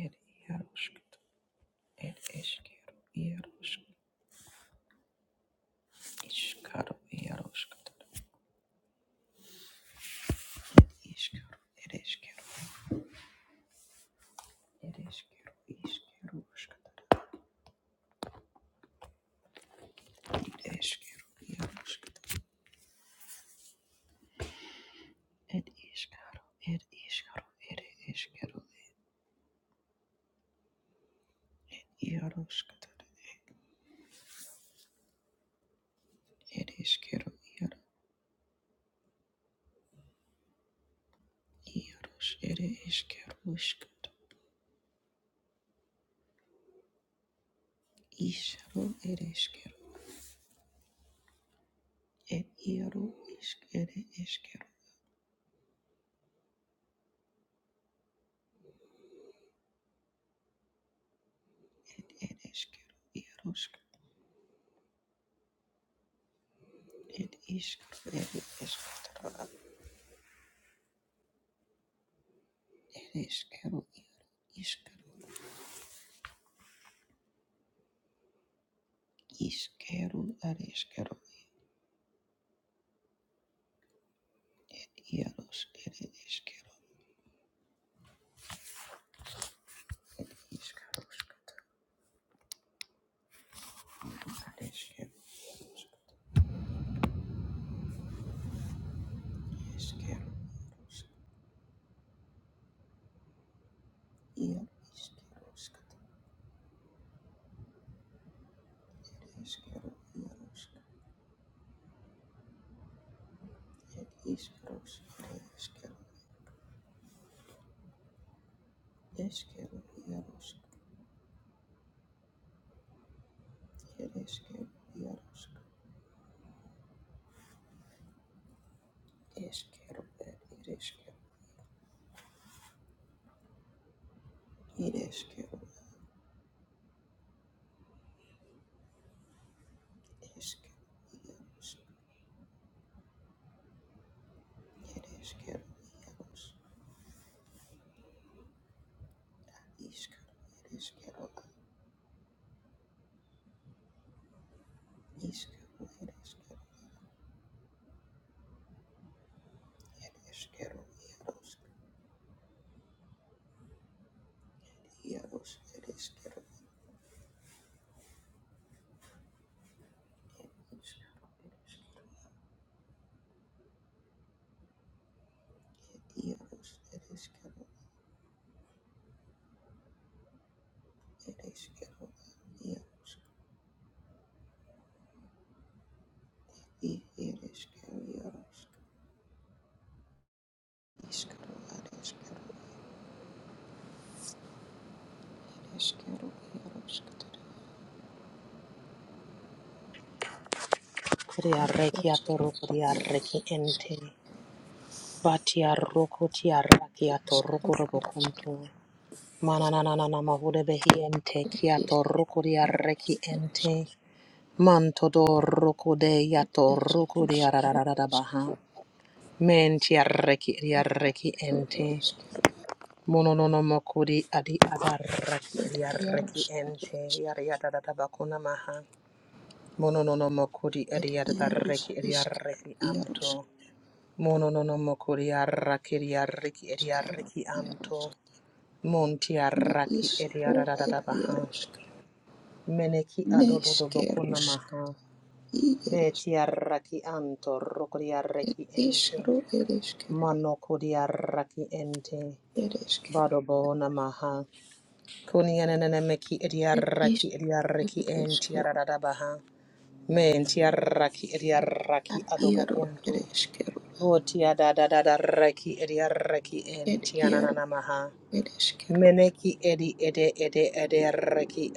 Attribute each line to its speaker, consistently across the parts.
Speaker 1: ir ieškot ir išgėriau ieškot iškarų ieškot ir išgėriau ir išgėriau ir išgėriau išgėriau išgėriau ir išgėriau ieškot ir iškarų ir išgėriau ir išgėriau ieškot ir išgėriau ir ieškot ir išgėriau išgėriau išgėriau ir išgėriau ir ieškot ir It is quero escatara it is quero isquero isquero ad isquero iaros eres caro, it is quero it is quero ad isquero isquero iaros iar isquero scatara isquero iaros it is quero ad isquero isquero iaros it is quero iaros isquero ad it is quero it is quero isquero iaros eres quiero eres Is Ereshkigal, Ishkal, Ereshkigal, Ishkal, Ereshkigal, Ereshkigal, Eros, Eros, Ereshkigal, Ishkal, Eros, Ereshkigal, Ereshkigal, Eros, Ereshkigal, Eros, Ishkal, Ereshkigal, Ereshkigal, Eros, Ereshkigal, Ishkal, Ereshkigal,
Speaker 2: Kuriareki atoro kuriareki ente. Batiaroko tiaraki atoroko robokunto. Manananana mahude behi ente kiatoro kuriareki ente. Mantodo roko de
Speaker 1: Ishkal, Eros, Ereshkigal,
Speaker 2: yatoroko
Speaker 1: Ishkal,
Speaker 2: diarararara
Speaker 1: Ereshkigal,
Speaker 2: baha. Men tiareki
Speaker 1: Ad
Speaker 2: diareki
Speaker 1: iskero ed
Speaker 2: ente.
Speaker 1: iskero
Speaker 2: Mononono mokuri adi adaraki
Speaker 1: ed iaros
Speaker 2: diareki
Speaker 1: ed
Speaker 2: ente.
Speaker 1: iskero
Speaker 2: Yariadadabakuna maha. Mononono mokuri
Speaker 1: ed
Speaker 2: adi
Speaker 1: iaros
Speaker 2: adareki
Speaker 1: iskero
Speaker 2: diareki
Speaker 1: iaros
Speaker 2: anto. Mono no no mokori arraki eri arraki eri
Speaker 1: iskero
Speaker 2: arraki
Speaker 1: iaros
Speaker 2: anto. Monti
Speaker 1: ne
Speaker 2: arraki eri
Speaker 1: iskero ed
Speaker 2: arararara baha.
Speaker 1: iaros
Speaker 2: Meneki
Speaker 1: ne
Speaker 2: adododo bokuna
Speaker 1: iskeros
Speaker 2: maha.
Speaker 1: i ed is
Speaker 2: Beti arraki anto rokori
Speaker 1: ed
Speaker 2: arraki ente.
Speaker 1: iskero ed iskero
Speaker 2: Mano kori arraki ente.
Speaker 1: ed iskero
Speaker 2: Bado bohona maha. Kuni ananana meki eri
Speaker 1: ed
Speaker 2: arraki eri
Speaker 1: iskero ed
Speaker 2: arraki enti
Speaker 1: iskero
Speaker 2: arararara baha. Menti arraki eri arraki
Speaker 1: ad
Speaker 2: adobo
Speaker 1: iaro
Speaker 2: kunto.
Speaker 1: ed iskero
Speaker 2: Votia da da da da reki edi reki en
Speaker 1: ed
Speaker 2: tianana
Speaker 1: iaro
Speaker 2: namaha.
Speaker 1: ed iskero
Speaker 2: Meneki edi ede ede ede reki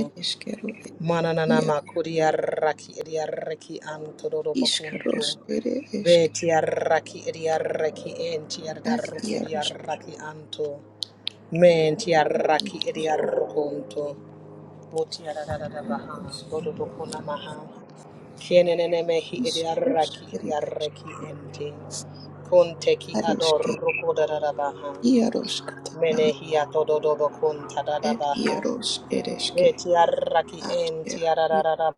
Speaker 1: ed iskero ed
Speaker 2: Mananana
Speaker 1: iaro
Speaker 2: makuria raki edi reki anto dodo bakunto.
Speaker 1: iskaros ed iskero
Speaker 2: Betia raki edi reki en tiarda
Speaker 1: ad
Speaker 2: rukuria
Speaker 1: iaros
Speaker 2: raki anto. Men tia
Speaker 1: ed
Speaker 2: raki edi
Speaker 1: iskero
Speaker 2: rukunto. Votia da da da da baha. Dodo bakuna
Speaker 1: Ereshkigal,
Speaker 2: maha. Kienenemehi
Speaker 1: Ishkosh,
Speaker 2: idiarraki
Speaker 1: Eresh,
Speaker 2: idiarraki ente. Kunteki ador
Speaker 1: Areshke,
Speaker 2: rukodarabaha.
Speaker 1: Iaroshkatanan,
Speaker 2: Menehi atododobo
Speaker 1: Ed
Speaker 2: kuntadadabaha.
Speaker 1: Iarosh, Ereshke,
Speaker 2: Betiarraki
Speaker 1: Ashker,
Speaker 2: entiarararara.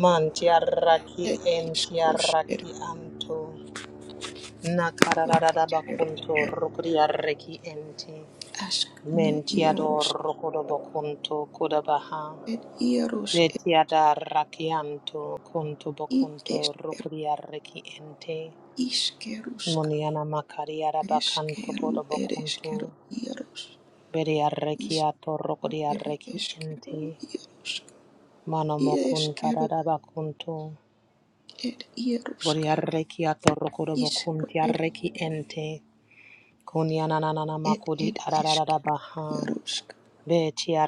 Speaker 2: Mantiarraki
Speaker 1: Ed Ishkosh, Ed
Speaker 2: entiarraki anto. Nakarararaba
Speaker 1: Ereshkero,
Speaker 2: kunto rukodiarraki ente.
Speaker 1: Ashk, No
Speaker 2: Mentiador
Speaker 1: Iarosh,
Speaker 2: rukodobo kunto kodabaha.
Speaker 1: Ed Iarosh, Ed
Speaker 2: Betiada rakianto kunto bokunto
Speaker 1: Ieshkero,
Speaker 2: rukuria reki ente.
Speaker 1: Ishkerushk,
Speaker 2: Muniana makariara bakanto kodo
Speaker 1: Ereshkero,
Speaker 2: bokunto.
Speaker 1: Ereshkero, Iarosh,
Speaker 2: Beria
Speaker 1: Ishko,
Speaker 2: rekiato rukuria reki
Speaker 1: Ereshkero,
Speaker 2: ente.
Speaker 1: Iaroshk,
Speaker 2: Mano mokunta
Speaker 1: Ieshkero,
Speaker 2: rada bakunto.
Speaker 1: Ed Iaroshk,
Speaker 2: Boria rekiato rukudo bokuntia reki ente. Kuniana nanana
Speaker 1: Ed
Speaker 2: makuri
Speaker 1: ed
Speaker 2: arararada
Speaker 1: iskeru
Speaker 2: baha.
Speaker 1: yarusk
Speaker 2: Betia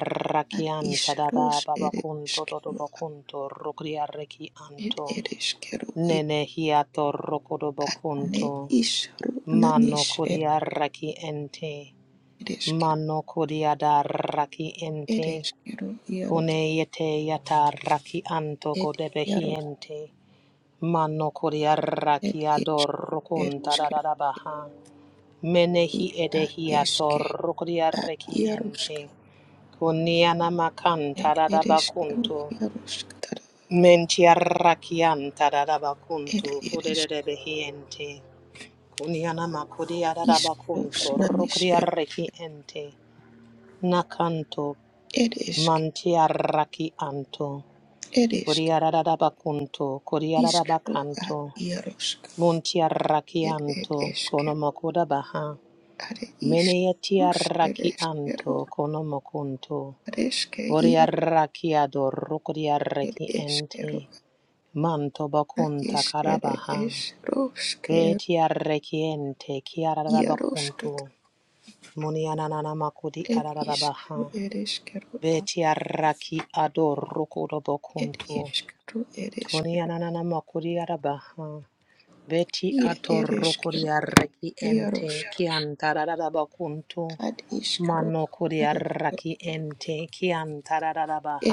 Speaker 1: ad
Speaker 2: rakianta
Speaker 1: isrus
Speaker 2: dada
Speaker 1: ed
Speaker 2: babakunto dodo
Speaker 1: iskeru
Speaker 2: bokunto rukuria reki
Speaker 1: ed
Speaker 2: anto.
Speaker 1: ed iskeru ir
Speaker 2: Nene hiato
Speaker 1: ad ne
Speaker 2: rokodobokunto.
Speaker 1: isru
Speaker 2: Mano
Speaker 1: nanish ed
Speaker 2: kodiaraki ente.
Speaker 1: ed iskeru
Speaker 2: Mano kodiadaraki
Speaker 1: ed
Speaker 2: ente.
Speaker 1: iskeru yarus
Speaker 2: Kune yete yata raki anto
Speaker 1: ed yarus
Speaker 2: kodebehiente. Mano
Speaker 1: ed
Speaker 2: kodiaraki
Speaker 1: iskeru ed
Speaker 2: adorokunta
Speaker 1: iskeru
Speaker 2: dadadabaha. Menehi
Speaker 1: ir ad
Speaker 2: edehiato
Speaker 1: eske ad
Speaker 2: rokodiaraki
Speaker 1: yarusk
Speaker 2: ente. Kuniana
Speaker 1: ed
Speaker 2: makanta
Speaker 1: ed iskeru
Speaker 2: dadabakunto.
Speaker 1: yarusk tar
Speaker 2: Mentiarrakianta
Speaker 1: ed
Speaker 2: dadabakunto
Speaker 1: ed is
Speaker 2: kodebehi ente. Kuniana makuria
Speaker 1: iskrus
Speaker 2: rabakunto
Speaker 1: nanish
Speaker 2: rukuria
Speaker 1: ed
Speaker 2: reki ente. Nakanto
Speaker 1: ed isk
Speaker 2: mantia raki anto.
Speaker 1: ed isk
Speaker 2: Kuria rabakunto, kuria
Speaker 1: iskru ad
Speaker 2: rabakanto.
Speaker 1: yarusk
Speaker 2: Muntia raki
Speaker 1: It it
Speaker 2: anto,
Speaker 1: is
Speaker 2: kono makuda baha.
Speaker 1: are
Speaker 2: Meneetia
Speaker 1: iskus
Speaker 2: raki
Speaker 1: ereskero,
Speaker 2: anto, kono makunto.
Speaker 1: areske
Speaker 2: Boria
Speaker 1: iaro
Speaker 2: raki ador rukuria
Speaker 1: ed
Speaker 2: reki ente.
Speaker 1: eskero,
Speaker 2: Manto
Speaker 1: ana
Speaker 2: bakunta
Speaker 1: isere
Speaker 2: karabaha.
Speaker 1: esroskero,
Speaker 2: Betia reki ente, kia
Speaker 1: iaroskat
Speaker 2: rabakunto. Monianana makudi
Speaker 1: ed isru
Speaker 2: ararabaha.
Speaker 1: ereskero, a
Speaker 2: Beti araki ador rokodo
Speaker 1: ed
Speaker 2: bokunto.
Speaker 1: iskru ereskero,
Speaker 2: Konianana makudi arabaha. Beti
Speaker 1: ie
Speaker 2: ador rokodi
Speaker 1: ereskero, e
Speaker 2: araki ente
Speaker 1: iarosk
Speaker 2: kiantararabakunto.
Speaker 1: ad iskros
Speaker 2: Mano kodi
Speaker 1: areskero,
Speaker 2: araki ente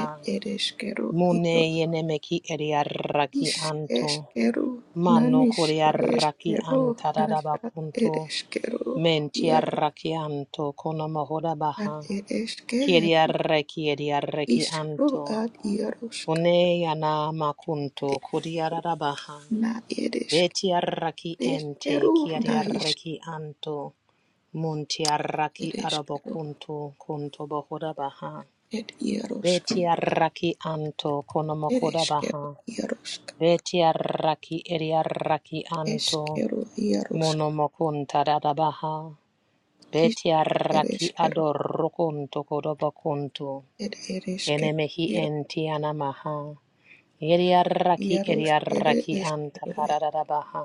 Speaker 1: ed ereskero,
Speaker 2: Mune
Speaker 1: iaro
Speaker 2: yenemeki eri araki
Speaker 1: is
Speaker 2: anto.
Speaker 1: eskero,
Speaker 2: Mano
Speaker 1: nanis
Speaker 2: kodi araki
Speaker 1: ereskero, nasa
Speaker 2: antararabakunto.
Speaker 1: ereskero,
Speaker 2: Menti
Speaker 1: iaros
Speaker 2: araki anto kono mahoda baha.
Speaker 1: ad ereskero,
Speaker 2: Kiriarra kiriarra ki
Speaker 1: Ishru
Speaker 2: anto.
Speaker 1: ad iarosk
Speaker 2: Kune yana makunto
Speaker 1: edes
Speaker 2: kuriarabaha.
Speaker 1: na edesk
Speaker 2: Betiarra ki ente
Speaker 1: edeskeru na
Speaker 2: kiriarra
Speaker 1: isk
Speaker 2: anto. muntiaraki
Speaker 1: edeskeru
Speaker 2: arabokunto kunto bohorabaha.
Speaker 1: ed iarosk
Speaker 2: Betiarra ki anto konomokorabaha.
Speaker 1: edeskeru iarosk
Speaker 2: Betiarra ki eriarra ki anto.
Speaker 1: eskeru iarosk
Speaker 2: Monomokunta dadabaha.
Speaker 1: iskru
Speaker 2: Betiarra ki
Speaker 1: edeskeru
Speaker 2: adorrokunto kodobokunto.
Speaker 1: ed edeskeru
Speaker 2: Yenemehi
Speaker 1: iar
Speaker 2: entiana maha. Yeriaraki
Speaker 1: iarosk
Speaker 2: eriaraki
Speaker 1: edeskeru ed
Speaker 2: antakararabaha.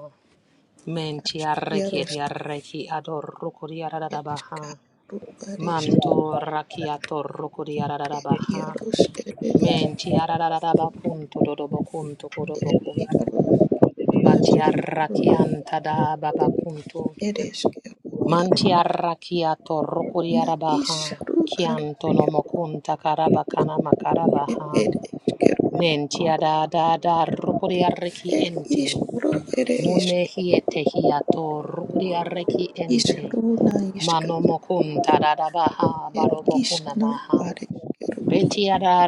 Speaker 1: as
Speaker 2: Mentiaraki
Speaker 1: iarosk
Speaker 2: eriaraki adorukuriarabaha.
Speaker 1: edskaru adesk
Speaker 2: Manto rakiato rukuriarabaha.
Speaker 1: iarosk edes
Speaker 2: Mentiararabakunto dodobokunto
Speaker 1: ed
Speaker 2: kurobokunto.
Speaker 1: iarosk adeskeru
Speaker 2: Batiaraki antada babakunto.
Speaker 1: edeskeru iar
Speaker 2: Mantiarrakiato
Speaker 1: na
Speaker 2: rokuriarabaha.
Speaker 1: ishru
Speaker 2: Kianto nomokunta karabakana
Speaker 1: It
Speaker 2: makarabaha.
Speaker 1: it ishkero.
Speaker 2: Mentia da da da rukuria reki
Speaker 1: It
Speaker 2: ente.
Speaker 1: ishro ere ishke.
Speaker 2: Munehi tehiato rukuria reki ente.
Speaker 1: Ishro na ishkat.
Speaker 2: Mano mokun tarada baha
Speaker 1: It
Speaker 2: barobokuna
Speaker 1: ishno
Speaker 2: maha.
Speaker 1: are ishkero.
Speaker 2: Betia da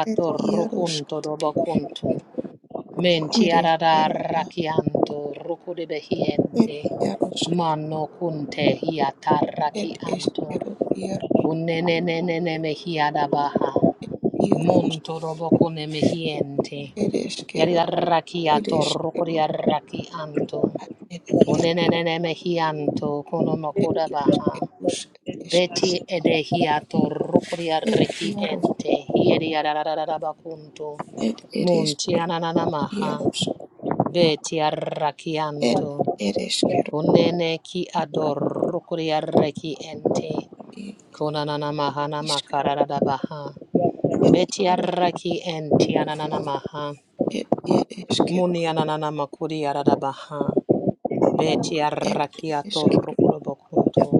Speaker 1: It
Speaker 2: rukunto
Speaker 1: iaroshkat.
Speaker 2: dobokuntu.
Speaker 1: It
Speaker 2: Mentia da da
Speaker 1: ishkero a.
Speaker 2: rakianto rukuri
Speaker 1: It
Speaker 2: behiente.
Speaker 1: iaroshk.
Speaker 2: Mano kunte hiata
Speaker 1: It ishkero
Speaker 2: rakianto.
Speaker 1: iar.
Speaker 2: Unenenenene mehia baha.
Speaker 1: It iar.
Speaker 2: Monto robokune mehiente.
Speaker 1: It
Speaker 2: Yari
Speaker 1: ishkero.
Speaker 2: arraki
Speaker 1: It
Speaker 2: ato rokori
Speaker 1: ishkero
Speaker 2: arraki anto.
Speaker 1: a, it iar.
Speaker 2: Unenenene mehi anto kono
Speaker 1: It
Speaker 2: makoda baha.
Speaker 1: ishkerush ishk.
Speaker 2: Beti edehi ato rokori
Speaker 1: It
Speaker 2: arraki
Speaker 1: iaroshk.
Speaker 2: ente. Hieri arararara bakunto.
Speaker 1: It it
Speaker 2: Munti
Speaker 1: ishkero
Speaker 2: ananana maha.
Speaker 1: iaroshk.
Speaker 2: Beti arraki
Speaker 1: It
Speaker 2: anto.
Speaker 1: it ishkero
Speaker 2: Unene ki ador rokori arraki ente.
Speaker 1: i
Speaker 2: Konanana maha
Speaker 1: ishkero.
Speaker 2: namakararada baha.
Speaker 1: It
Speaker 2: Beti
Speaker 1: iaroshk.
Speaker 2: arraki enti ananana maha.
Speaker 1: It it ishkero.
Speaker 2: Muni ananana makuri arada baha. Beti
Speaker 1: Ed
Speaker 2: arrakiato
Speaker 1: eskero,
Speaker 2: rukuro bokunto.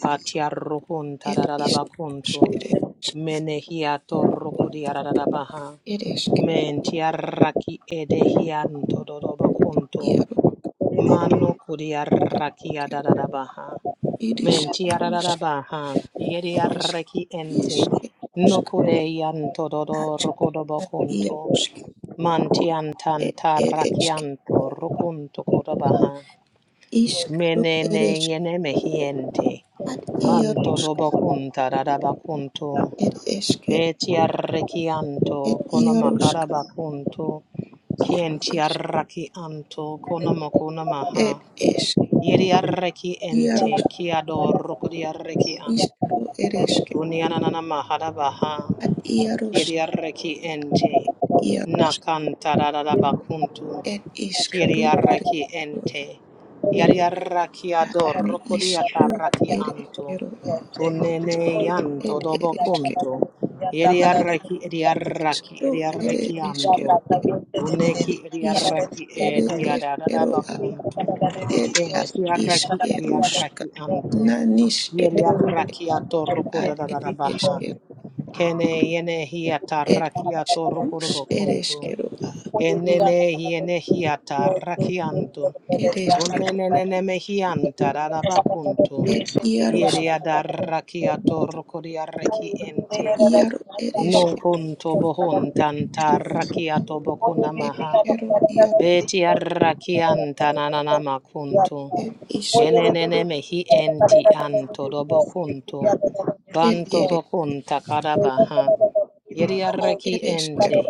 Speaker 2: Bati arrukunta
Speaker 1: ed
Speaker 2: rarara
Speaker 1: iskeros,
Speaker 2: bakunto.
Speaker 1: ed esk,
Speaker 2: Menehiato rukuri ararara baha.
Speaker 1: ed eskero,
Speaker 2: Menti arraki edehianto dodo bokunto.
Speaker 1: iaro,
Speaker 2: Mano kuri
Speaker 1: ed
Speaker 2: arraki
Speaker 1: eskero,
Speaker 2: adarara baha.
Speaker 1: ed
Speaker 2: Menti
Speaker 1: iskeros,
Speaker 2: ararara baha. Yeri
Speaker 1: ed eskero,
Speaker 2: arraki ente.
Speaker 1: iskerosk,
Speaker 2: Nokude yanto dodo rukuro
Speaker 1: atskana,
Speaker 2: bokunto.
Speaker 1: iarosk,
Speaker 2: Manti
Speaker 1: ed
Speaker 2: antanta
Speaker 1: ed eskero,
Speaker 2: rakianto rukunto kodabaha
Speaker 1: iskero, ed
Speaker 2: menene
Speaker 1: eskero,
Speaker 2: yene mehiente
Speaker 1: ad
Speaker 2: manto
Speaker 1: iarosk,
Speaker 2: dobo kunta dadaba kunto
Speaker 1: ed eskero,
Speaker 2: beti arrekianto
Speaker 1: ed iarosk, ed
Speaker 2: kono
Speaker 1: eskero,
Speaker 2: makaraba kunto kienti arrakianto kono mokuna maha
Speaker 1: ed eskero,
Speaker 2: yeri arreki ente
Speaker 1: iarosk,
Speaker 2: kiado rokodi arreki an
Speaker 1: iskero, ed eskero,
Speaker 2: kunianana maharabaha
Speaker 1: ad
Speaker 2: yeri
Speaker 1: iarosk,
Speaker 2: arreki ente
Speaker 1: ed iarosk,
Speaker 2: nakanta dadaba kunto
Speaker 1: ed iskero, ed
Speaker 2: Kiriaraki
Speaker 1: eskero.
Speaker 2: ente. Yariaraki
Speaker 1: at
Speaker 2: ador
Speaker 1: ne ishru
Speaker 2: kodiataraki
Speaker 1: ere
Speaker 2: anto.
Speaker 1: ishkero
Speaker 2: Kunene yanto
Speaker 1: ed
Speaker 2: dobo
Speaker 1: ere ishkero
Speaker 2: kunto. Yariaraki ediaraki
Speaker 1: ishkru ere
Speaker 2: ediaraki anto.
Speaker 1: ishkero ed
Speaker 2: Uneki
Speaker 1: ishkru
Speaker 2: ediaraki
Speaker 1: ere ishkero
Speaker 2: ediadadaba
Speaker 1: a
Speaker 2: kunto.
Speaker 1: ed at
Speaker 2: Kentiaraki
Speaker 1: ishkerushka
Speaker 2: ediaraki anto.
Speaker 1: nanish ere ishke
Speaker 2: Yariaraki ator
Speaker 1: at ed
Speaker 2: kodadadabaha.
Speaker 1: ishkero
Speaker 2: Kene yene
Speaker 1: ed
Speaker 2: hiataraki ator
Speaker 1: ishrush
Speaker 2: kodobo
Speaker 1: ere
Speaker 2: kunto.
Speaker 1: ishkero a
Speaker 2: Kenene hiene hiata rakianto.
Speaker 1: ed ishkero
Speaker 2: Unenene mehianta rarabakunto.
Speaker 1: ed iarosh
Speaker 2: Yeria darrakiato rokoria reki ente.
Speaker 1: iaro ere
Speaker 2: Non
Speaker 1: ishkero
Speaker 2: kunto bohuntanta rakiato bokunamaha.
Speaker 1: ishkero iaro
Speaker 2: Veti arrakianta nananamakunto. kunto.
Speaker 1: ed ishk
Speaker 2: Kenene mehi enti anto dobokunto.
Speaker 1: ed
Speaker 2: Banto
Speaker 1: ere ishkero
Speaker 2: bokunta karabaha. Yadiarreki
Speaker 1: ere ishkero
Speaker 2: ente,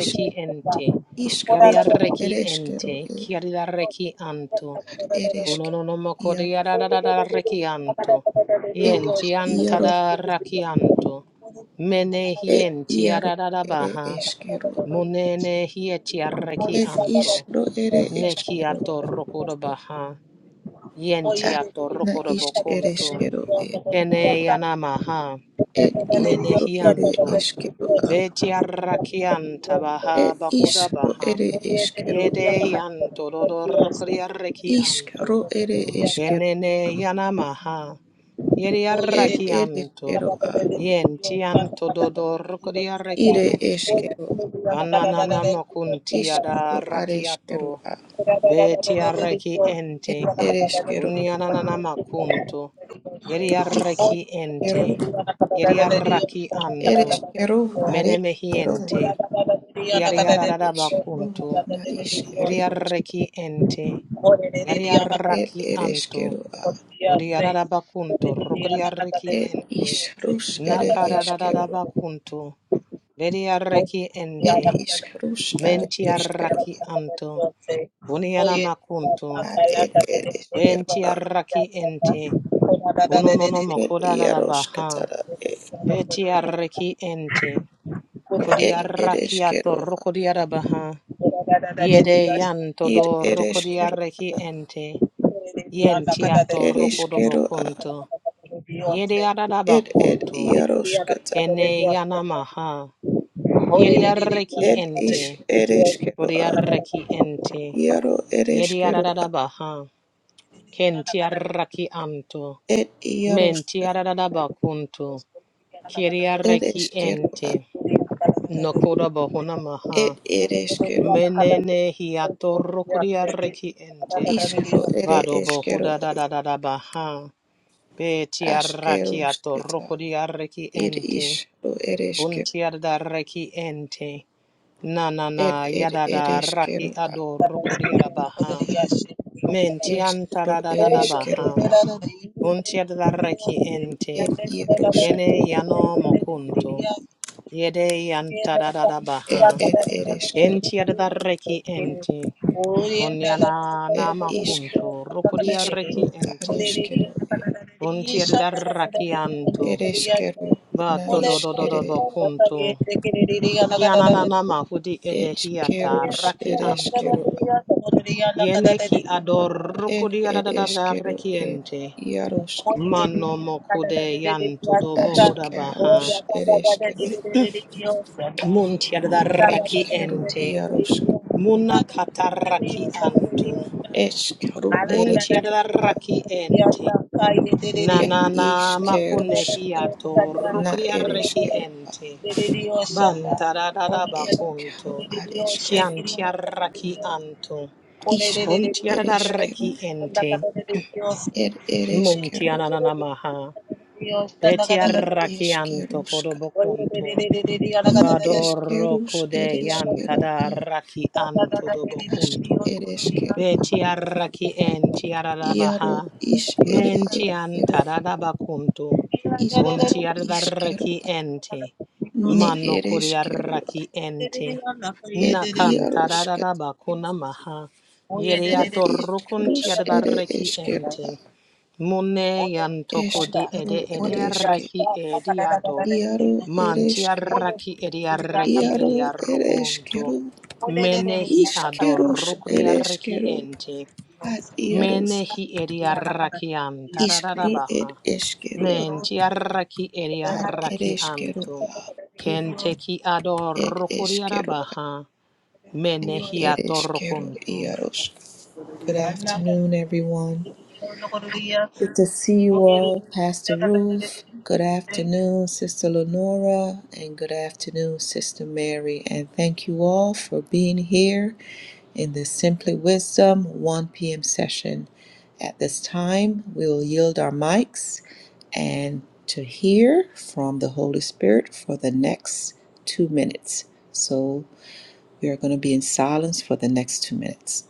Speaker 1: ishk
Speaker 2: ente,
Speaker 1: ishkrush ere
Speaker 2: yadiarreki
Speaker 1: ishkero
Speaker 2: ente, kiadiarreki anto,
Speaker 1: Ad
Speaker 2: unonomoko de
Speaker 1: ereshkigal
Speaker 2: yadadarreki anto,
Speaker 1: iaros, et et
Speaker 2: yenti
Speaker 1: iaros,
Speaker 2: antadarraki anto, mene
Speaker 1: et
Speaker 2: hienti
Speaker 1: iaros ere
Speaker 2: yadadabaha,
Speaker 1: eskero,
Speaker 2: munene hieti arreki
Speaker 1: et
Speaker 2: anto,
Speaker 1: isro ere
Speaker 2: neki
Speaker 1: eskero,
Speaker 2: atorrokodabaha, yenti
Speaker 1: ad na is
Speaker 2: atorrokodabokunto,
Speaker 1: ereshkero e,
Speaker 2: ene yanamaha,
Speaker 1: et
Speaker 2: mene
Speaker 1: isro ere
Speaker 2: hianto,
Speaker 1: eskero a,
Speaker 2: Beti arrakian tabaha
Speaker 1: et
Speaker 2: bakuda
Speaker 1: isro
Speaker 2: baha.
Speaker 1: ere eskero,
Speaker 2: Yede yan tododor kriarreki anto.
Speaker 1: iskro ere eskero,
Speaker 2: Yenene yanamaha. Yeri
Speaker 1: et
Speaker 2: arraki anto.
Speaker 1: ereshkero a,
Speaker 2: Yen tian tododor kriarreki
Speaker 1: ire
Speaker 2: ente.
Speaker 1: eskero,
Speaker 2: Ananana makunti
Speaker 1: iskro
Speaker 2: ada
Speaker 1: areskero
Speaker 2: rakiato.
Speaker 1: a,
Speaker 2: Beti arraki ente.
Speaker 1: et ereshkero,
Speaker 2: Unyananana makunto. Yeri
Speaker 1: ir
Speaker 2: arraki
Speaker 1: ereshkero,
Speaker 2: ente. Yeri arraki anto.
Speaker 1: ereshkero areskero,
Speaker 2: Menemehiente. Kiariarara
Speaker 1: Ishru
Speaker 2: bakuntu.
Speaker 1: na ishkere
Speaker 2: Yariarreki ente.
Speaker 1: ed
Speaker 2: Yariarraki anto.
Speaker 1: ereshkeru a
Speaker 2: Odiarara bakunto. Rokodiarreki
Speaker 1: ed
Speaker 2: ente.
Speaker 1: ishrush ere eshkeru
Speaker 2: Nakararara
Speaker 1: a
Speaker 2: bakunto. Bediarreki ente.
Speaker 1: ed ishrush are eshkeru
Speaker 2: Mentiarraki anto. Buniana makunto.
Speaker 1: a ad ed ereshkeru a
Speaker 2: Bentiarraki ente. Unonono
Speaker 1: ed
Speaker 2: mokodara
Speaker 1: yarosh
Speaker 2: baha.
Speaker 1: katara ed
Speaker 2: Betiarreki ente.
Speaker 1: ed
Speaker 2: Kodiarraki ato
Speaker 1: ereshkeru a
Speaker 2: rokodiara baha. Yede yanto
Speaker 1: ir
Speaker 2: do roko di
Speaker 1: ereshkeru
Speaker 2: arreki
Speaker 1: a
Speaker 2: ente. Yenti ato roko do
Speaker 1: ereshkeru a
Speaker 2: bokunto. Yede adada
Speaker 1: ed ed
Speaker 2: bakunto.
Speaker 1: yarosh kata
Speaker 2: Kene yana maha. Yede arreki
Speaker 1: ed ish
Speaker 2: ente.
Speaker 1: ereshkeru
Speaker 2: Kodi
Speaker 1: a
Speaker 2: arreki ente.
Speaker 1: yaro
Speaker 2: Yede
Speaker 1: ereshkeru a
Speaker 2: adada baha. Kenti arraki anto.
Speaker 1: ed
Speaker 2: Menti
Speaker 1: yaroshka
Speaker 2: adada bakunto. Kiri arreki ente. Nokoda bohuna
Speaker 1: ed
Speaker 2: maha.
Speaker 1: ereshkeru
Speaker 2: Menene hiato roko di arreki ente.
Speaker 1: Ishro ere
Speaker 2: Vado
Speaker 1: eskero
Speaker 2: bohuda da da da da baha. Beti
Speaker 1: askero
Speaker 2: arrakiato
Speaker 1: sketa.
Speaker 2: rokodi arreki
Speaker 1: Ir
Speaker 2: ente.
Speaker 1: ishro ere eskero.
Speaker 2: Untiar da reki ente. Na na
Speaker 1: Er
Speaker 2: na
Speaker 1: er
Speaker 2: yada
Speaker 1: ere
Speaker 2: da raki
Speaker 1: eskero a.
Speaker 2: ado rokodi arabaha. Mentianta
Speaker 1: Eskro
Speaker 2: da da da
Speaker 1: ere
Speaker 2: da
Speaker 1: eskero
Speaker 2: baha.
Speaker 1: a.
Speaker 2: Untiar da reki
Speaker 1: Er
Speaker 2: ente.
Speaker 1: iarosketa
Speaker 2: Ene yano mokunto. Yede yanta da da da
Speaker 1: Er
Speaker 2: baha.
Speaker 1: er ere eskero.
Speaker 2: Entiar da reki ente. Unyana
Speaker 1: Er
Speaker 2: na
Speaker 1: isk.
Speaker 2: makunto rokodi arreki
Speaker 1: Iskro are
Speaker 2: ente.
Speaker 1: eskero e.
Speaker 2: Kunti rakianto.
Speaker 1: Er eskero na
Speaker 2: Bato do
Speaker 1: is
Speaker 2: do do
Speaker 1: ere
Speaker 2: do
Speaker 1: eskero.
Speaker 2: bokunto. Kianana mahudi edehiata
Speaker 1: Echkerus
Speaker 2: rakianto.
Speaker 1: ereskero
Speaker 2: Yene ki
Speaker 1: ed
Speaker 2: adorukudi
Speaker 1: ed
Speaker 2: adadada
Speaker 1: eskero ed iarosk
Speaker 2: Mano mokude yanto do bohuda
Speaker 1: askarus
Speaker 2: baha.
Speaker 1: ereskero
Speaker 2: Munti
Speaker 1: eskeru
Speaker 2: adarakiente
Speaker 1: iarosk.
Speaker 2: Muna kataraki anto.
Speaker 1: Eskeru
Speaker 2: Munti
Speaker 1: ereskeru a
Speaker 2: rakiente.
Speaker 1: er
Speaker 2: Nanana
Speaker 1: iskerusk
Speaker 2: makunehiato
Speaker 1: na
Speaker 2: rukudi
Speaker 1: ereskeru a
Speaker 2: rekiente. Bantarada
Speaker 1: eskeru
Speaker 2: bakunto,
Speaker 1: areskeru
Speaker 2: chiantiarrachi anto,
Speaker 1: iskeru
Speaker 2: contiarrachi
Speaker 1: ereskeru
Speaker 2: ente,
Speaker 1: er ereskeru
Speaker 2: muntiananamaha,
Speaker 1: i
Speaker 2: petiarrachi anto
Speaker 1: eskeruska
Speaker 2: codobokunto,
Speaker 1: i
Speaker 2: vadorro
Speaker 1: eskerus
Speaker 2: code
Speaker 1: ereskeru e
Speaker 2: yantadarrachi anto
Speaker 1: ask
Speaker 2: dobokunto.
Speaker 1: ereskeru
Speaker 2: Betiaraki en tiaradabaha.
Speaker 1: iaro is ere
Speaker 2: Men tian
Speaker 1: eskeru a
Speaker 2: tadadabakuntu.
Speaker 1: is
Speaker 2: Un
Speaker 1: a iskeru
Speaker 2: tiaraki
Speaker 1: a
Speaker 2: ente.
Speaker 1: ne
Speaker 2: Mano
Speaker 1: ereskeru a
Speaker 2: kuriaraki ente.
Speaker 1: er
Speaker 2: Nakan
Speaker 1: iaroska
Speaker 2: tadadabakunamaha.
Speaker 1: et
Speaker 2: Yeriatorukun
Speaker 1: iskerus ere
Speaker 2: tiaraki ente.
Speaker 1: eskeru
Speaker 2: Mune yantoko di
Speaker 1: Eshkaro
Speaker 2: ede ede
Speaker 1: ereshke,
Speaker 2: arreki edi
Speaker 1: iaro
Speaker 2: Manti
Speaker 1: ereshke,
Speaker 2: arraki edi arreki
Speaker 1: iaro
Speaker 2: edi
Speaker 1: ereshkero,
Speaker 2: arrokunto. Menehi ado
Speaker 1: ishkerush
Speaker 2: arreki
Speaker 1: ereshkero,
Speaker 2: ente.
Speaker 1: ad iaroska,
Speaker 2: Menehi edi arraki anta
Speaker 1: ishkaro ed eshkero,
Speaker 2: Menti arraki edi
Speaker 1: ad
Speaker 2: arraki
Speaker 1: ereshkero,
Speaker 2: anto. Kenteki ado
Speaker 1: ed eshkero,
Speaker 2: arabaha. Menehi ato
Speaker 1: ereshkero, iarosk. Good afternoon, everyone. Good to see you all, Pastor Ruth. Good afternoon, Sister Lenora, and good afternoon, Sister Mary. And thank you all for being here in the Simply Wisdom 1 p.m. session. At this time, we will yield our mics and to hear from the Holy Spirit for the next two minutes. So we are going to be in silence for the next two minutes.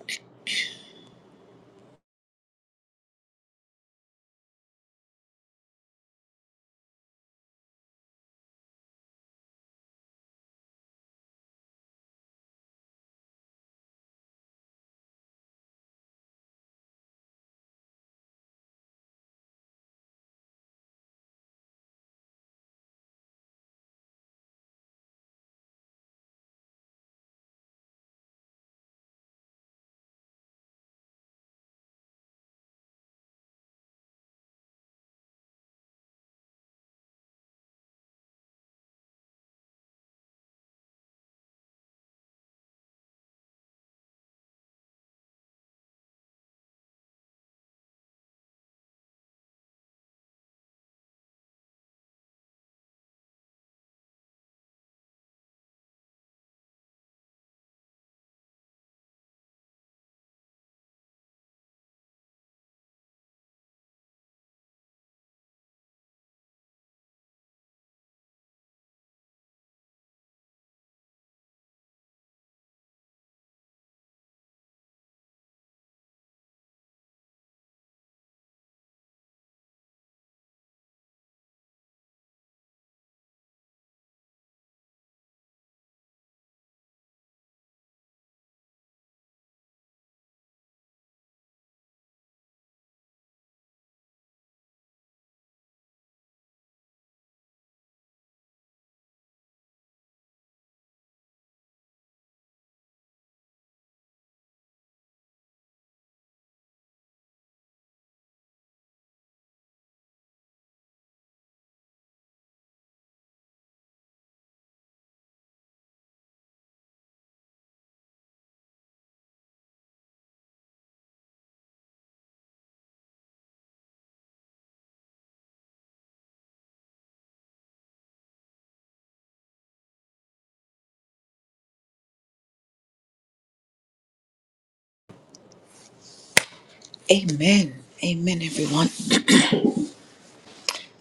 Speaker 1: Amen. Amen, everyone.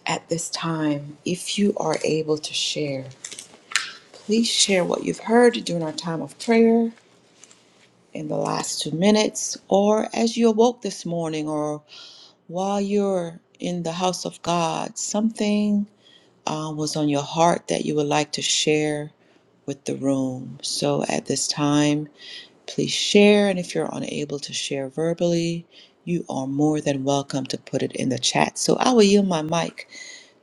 Speaker 1: at this time, if you are able to share, please share what you've heard during our time of prayer in the last two minutes, or as you awoke this morning, or while you're in the house of God, something uh, was on your heart that you would like to share with the room. So at this time, please share. And if you're unable to share verbally, you are more than welcome to put it in the chat. So I will yield my mic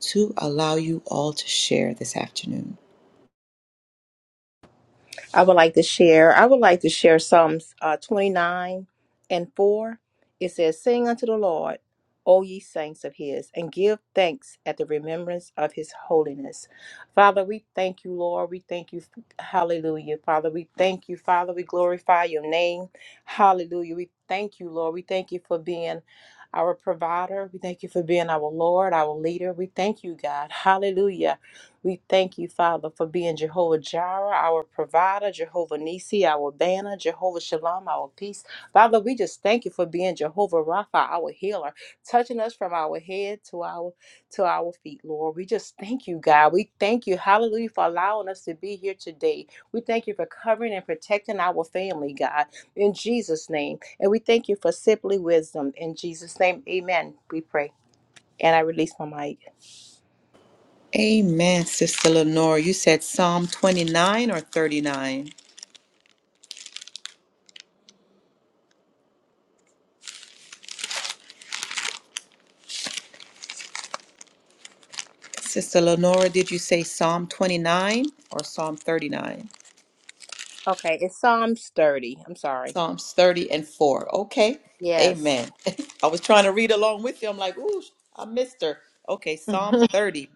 Speaker 1: to allow you all to share this afternoon.
Speaker 3: I would like to share. I would like to share Psalms uh, 29 and 4. It says, Sing unto the Lord, O ye saints of his, and give thanks at the remembrance of his holiness. Father, we thank you, Lord. We thank you. Hallelujah. Father, we thank you. Father, we glorify your name. Hallelujah. We thank you, Lord. We thank you for being. Our provider, we thank you for being our Lord, our leader. We thank you, God. Hallelujah we thank you, Father, for being Jehovah Jireh, our provider, Jehovah Nisi, our banner, Jehovah Shalom, our peace. Father, we just thank you for being Jehovah Rapha, our healer, touching us from our head to our to our feet, Lord. We just thank you, God. We thank you, hallelujah, for allowing us to be here today. We thank you for covering and protecting our family, God, in Jesus' name. And we thank you for simply wisdom. In Jesus' name, amen. We pray. And I release my mic.
Speaker 1: Amen, Sister Lenora. You said Psalm 29 or 39? Sister Lenora, did you say Psalm 29 or Psalm 39?
Speaker 3: Okay, it's Psalms 30. I'm sorry.
Speaker 1: Psalms 30 and 4. Okay.
Speaker 3: Yes.
Speaker 1: Amen. I was trying to read along with you. I'm like, ooh, I missed her. Okay. Psalm 30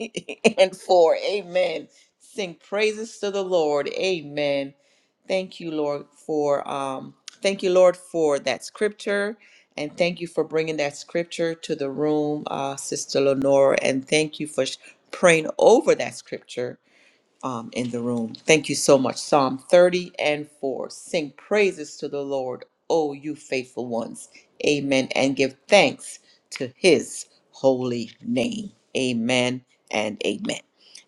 Speaker 1: and 4. Amen. Sing praises to the Lord. Amen. Thank you, Lord, for um thank you, Lord, for that scripture. And thank you for bringing that scripture to the room, uh, Sister Lenora. And thank you for sh- praying over that scripture um, in the room. Thank you so much. Psalm 30 and 4. Sing praises to the Lord, O you faithful ones. Amen. And give thanks to his holy name. Amen and amen.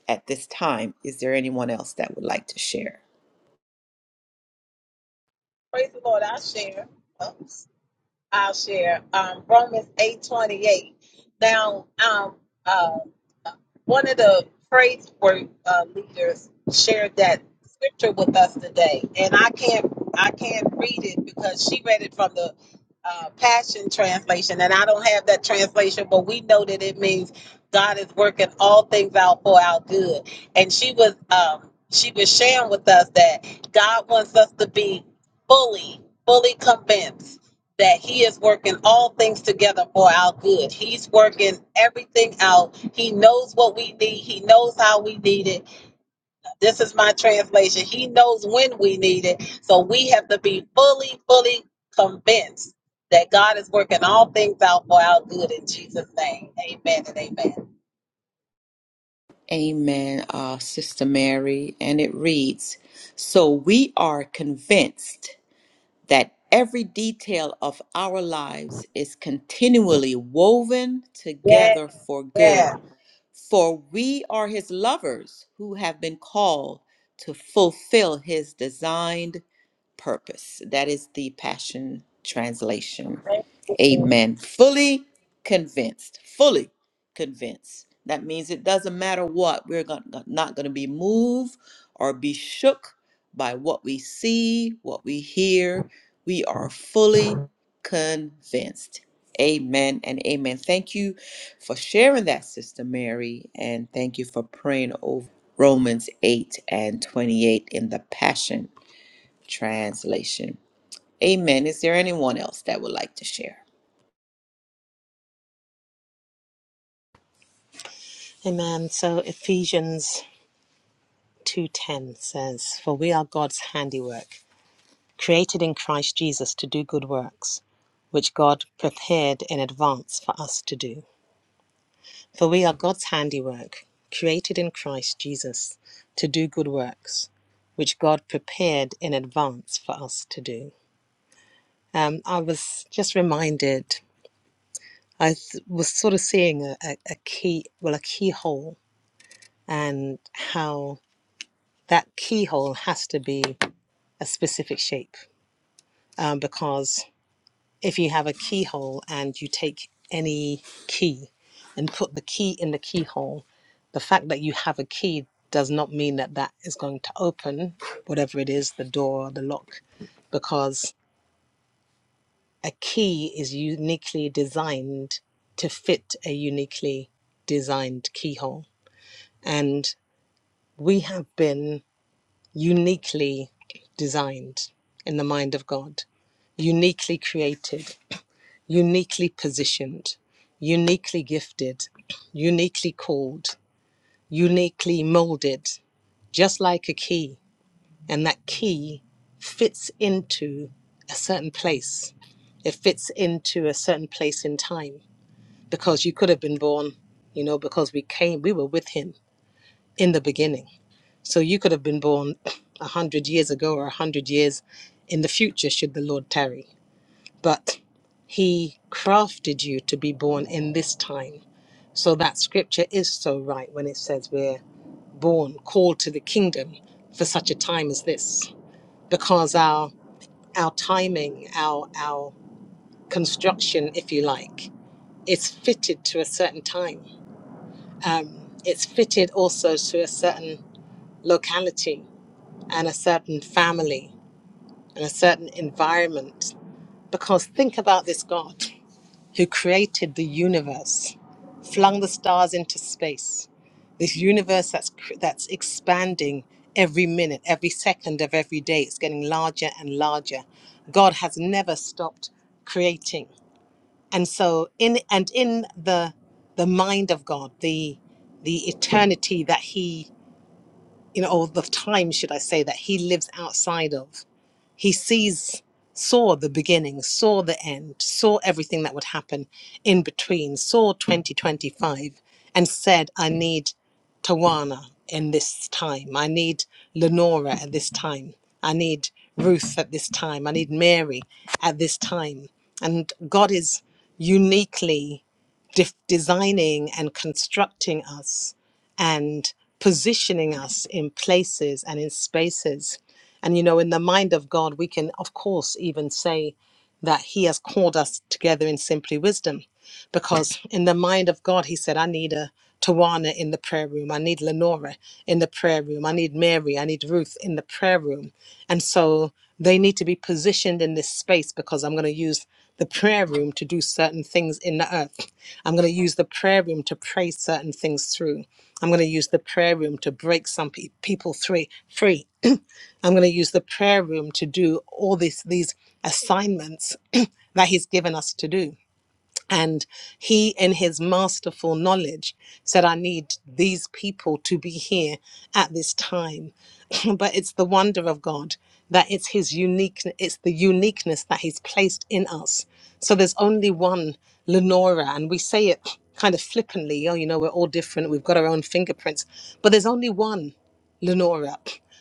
Speaker 1: At this time, is there anyone else that would like to share?
Speaker 4: Romans eight twenty eight. Now, um, uh, one of the praise work uh, leaders shared that scripture with us today, and I can't I can't read it because she read it from the uh, Passion translation, and I don't have that translation, but we know that it means God is working all things out for our good. And she was um, she was sharing with us that God wants us to be fully fully convinced that he is working all things together for our good. He's working everything out. He knows what we need. He knows how we need it. This is my translation. He knows when we need it. So we have to be fully, fully convinced that God is working all things out for our good in Jesus' name. Amen and amen.
Speaker 1: Amen, uh, Sister Mary. And it reads So we are convinced that every detail of our lives is continually woven together for good For we are his lovers who have been called to fulfill his designed purpose. That is the Passion Translation. Amen. Fully convinced. Fully convinced. That means it doesn't matter what, we're gon- not going to be moved or be shook by what we see, what we hear. We are fully convinced. Amen and amen. Thank you for sharing that, Sister Mary, and thank you for praying over Romans 8 and 28 in the Passion Translation. Amen. Is there anyone else that would like to share?
Speaker 2: Amen. So Ephesians 2:10 says, "For we are God's handiwork, created in Christ Jesus to do good works, which God prepared in advance for us to do. For we are God's handiwork, created in Christ Jesus to do good works, which God prepared in advance for us to do." Um, I was just reminded. I th- was sort of seeing a, a, a key, well, a keyhole, and how that keyhole has to be a specific shape um, because if you have a keyhole and you take any key and put the key in the keyhole, the fact that you have a key does not mean that that is going to open whatever it is, the door, the lock, because a key is uniquely designed to fit a uniquely designed keyhole. And we have been uniquely designed in the mind of God uniquely created uniquely positioned, uniquely gifted, uniquely called, uniquely molded, just like a key. And that key fits into a certain place. It fits into a certain place in time because you could have been born, you know, because we came, we were with him in the beginning. So you could have been born a hundred years ago or a hundred years in the future, should the Lord tarry but he crafted you to be born in this time. So that scripture is so right when it says we're born, called to the kingdom for such a time as this, because our our timing, our our construction, if you like, is fitted to a certain time. Um, it's fitted also to a certain locality and a certain family and a certain environment. Because think about this God. who created the universe, flung the stars into space, this universe that's cr- that's expanding every minute, every second of every day. It's getting larger and larger. God has never stopped creating, and so in and in the the mind of God, the the eternity that He you know, or the time should I say that He lives outside of he sees saw the beginning saw the end saw everything that would happen in between saw 2025 and said i need tawana in this time i need lenora at this time i need ruth at this time i need mary at this time and god is uniquely def- designing and constructing us and positioning us in places and in spaces and you know, in the mind of God, we can, of course, even say that He has called us together in simply wisdom, because in the mind of God, He said, I need a Tawana in the prayer room. I need Lenora in the prayer room. I need Mary. I need Ruth in the prayer room. And so they need to be positioned in this space because I'm going to use the prayer room to do certain things in the earth. I'm going to use the prayer room to pray certain things through. I'm going to use the prayer room to break some pe- people three, free I'm going to use the prayer room to do all these these assignments that He's given us to do. And he, in his masterful knowledge, said, I need these people to be here at this time. but it's the wonder of God that it's his uniqueness, it's the uniqueness that he's placed in us. So there's only one Lenora, and we say it kind of flippantly oh, you know, we're all different, we've got our own fingerprints, but there's only one Lenora.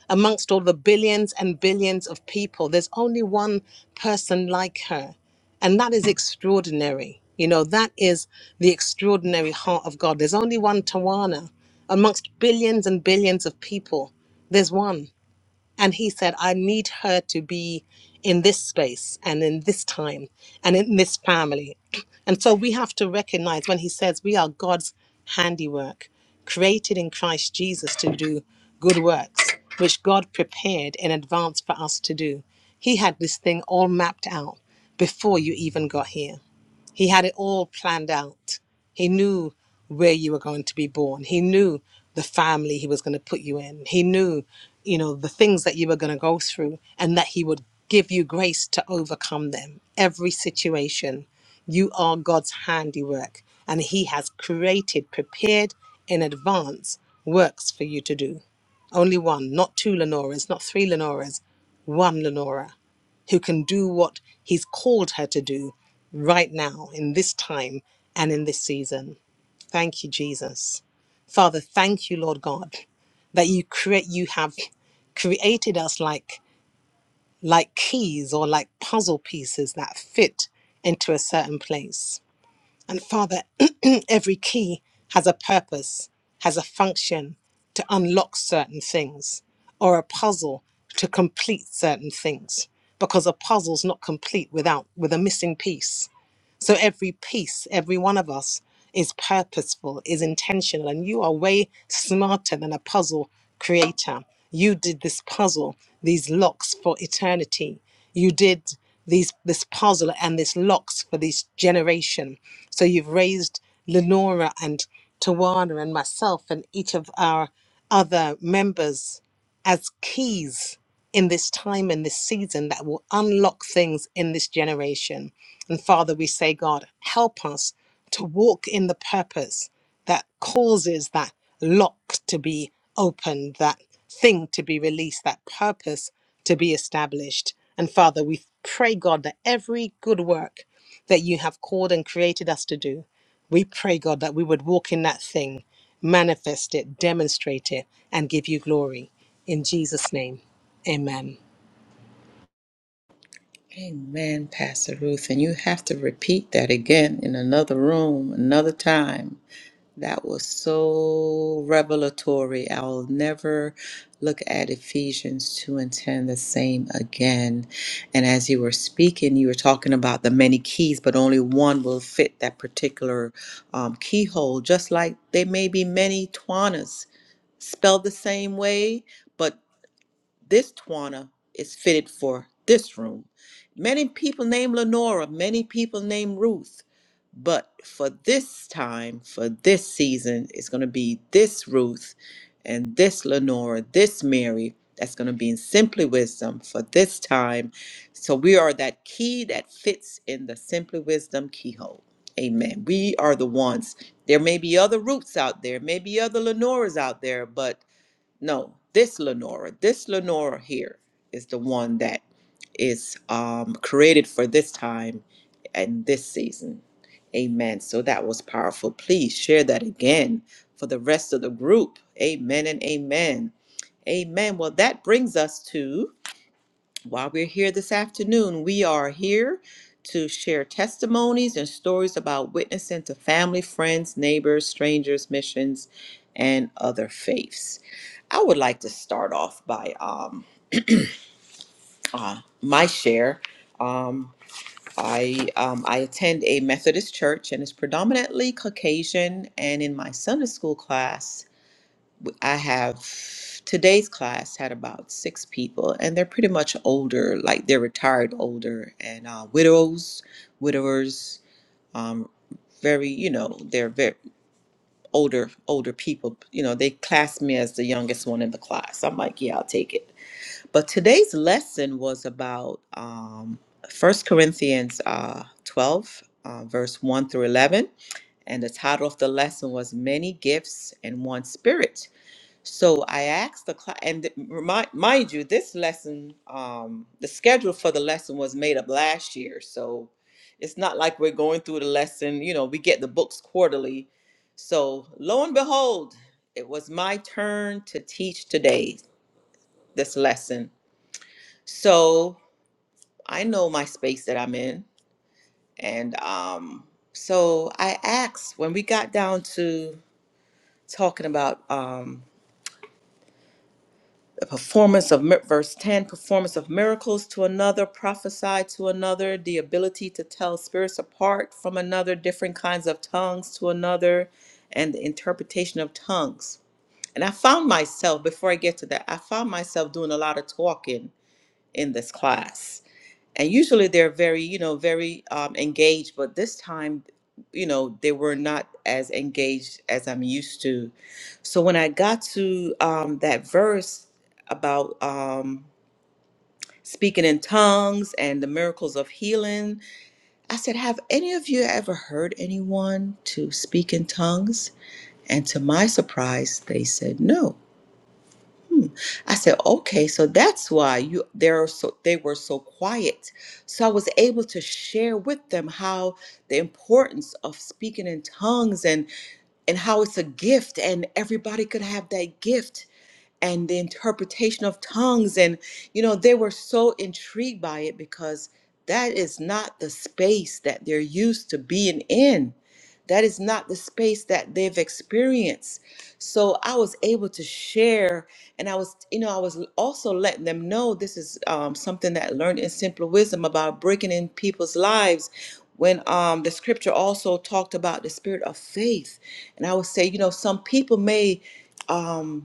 Speaker 2: Amongst all the billions and billions of people, there's only one person like her. And that is extraordinary. You know, that is the extraordinary heart of God. There's only one Tawana amongst billions and billions of people. There's one. And he said, I need her to be in this space and in this time and in this family. And so we have to recognize when he says we are God's handiwork, created in Christ Jesus to do good works, which God prepared in advance for us to do. He had this thing all mapped out before you even got here. He had it all planned out. He knew where you were going to be born. He knew the family he was going to put you in. He knew, you know, the things that you were going to go through and that he would give you grace to overcome them. Every situation. You are God's handiwork and he has created, prepared in advance works for you to do. Only one, not two Lenoras, not three Lenoras, one Lenora who can do what he's called her to do right now, in this time, and in this season. Thank you, Jesus. Father, thank you, Lord God, that you create you have created us like like keys or like puzzle pieces that fit into a certain place. And Father, every key has a purpose, has a function to unlock certain things, or a puzzle to complete certain things. Because a puzzle's not complete without with a missing piece. So every piece, every one of us is purposeful, is intentional, and you are way smarter than a puzzle creator. You did this puzzle, these locks for eternity. You did these this puzzle and this locks for this generation. So you've raised Lenora and Tawana and myself and each of our other members as keys in this time in this season that will unlock things in this generation. And Father, we say, God, help us to walk in the purpose that causes that lock to be opened, that thing to be released, that purpose to be established. And Father, we pray, God, that every good work that you have called and created us to do, we pray, God, that we would walk in that thing, manifest it, demonstrate it, and give you glory. In Jesus' name. Amen.
Speaker 1: Amen, Pastor Ruth. And you have to repeat that again in another room, another time. That was so revelatory. I'll never look at Ephesians 2 and 10 the same again. And as you were speaking, you were talking about the many keys, but only one will fit that particular um, keyhole, just like there may be many Twanas spelled the same way. but this Tawana is fitted for this room. Many people named Lenora, many people named Ruth, but for this time, for this season, it's going to be this Ruth and this Lenora, this Mary that's going to be in Simply Wisdom for this time. So we are that key that fits in the Simply Wisdom keyhole. Amen. We are the ones. There may be other Ruths out there, maybe other Lenoras out there, but no, this Lenora, this Lenora here is the one that is um, created for this time and this season. Amen. So that was powerful. Please share that again for the rest of the group. Amen and amen. Amen. Well, that brings us to while we're here this afternoon, we are here to share testimonies and stories about witnessing to family, friends, neighbors, strangers, missions, and other faiths. I would like to start off by um, uh, my share. Um, I um, I attend a Methodist church and it's predominantly Caucasian. And in my Sunday school class, I have today's class had about six people, and they're pretty much older, like they're retired older, and uh, widows, widowers, um, very, you know, they're very older, older people. You know, they class me as the youngest one in the class. I'm like, yeah, I'll take it. But today's lesson was about um, 1 Corinthians uh, 12, uh, verse 1 through 11. And the title of the lesson was Many Gifts and One Spirit. So I asked the class, and th- remind, mind you, this lesson, um, the schedule for the lesson was made up last year. So it's not like we're going through the lesson, you know, we get the books quarterly. So lo and behold, it was my turn to teach today this lesson. So I know my space that I'm in. And um, so I asked when we got down to talking about. um, performance of mir- verse 10 performance of miracles to another prophesy to another the ability to tell spirits apart from another different kinds of tongues to another and the interpretation of tongues and i found myself before i get to that i found myself doing a lot of talking in this class and usually they're very you know very um, engaged but this time you know they were not as engaged as i'm used to so when i got to um, that verse about um, speaking in tongues and the miracles of healing i said have any of you ever heard anyone to speak in tongues and to my surprise they said no I said, okay, so that's why you they're so they were so quiet. So I was able to share with them how the importance of speaking in tongues and and how it's a gift and everybody could have that gift and the interpretation of tongues. And, you know, they were so intrigued by it because that is not the space that they're used to being in. That is not the space that they've experienced. So I was able to share, and I was, you know, I was also letting them know this is um, something that I learned in Simple Wisdom about breaking in people's lives. When um, the scripture also talked about the spirit of faith, and I would say, you know, some people may um,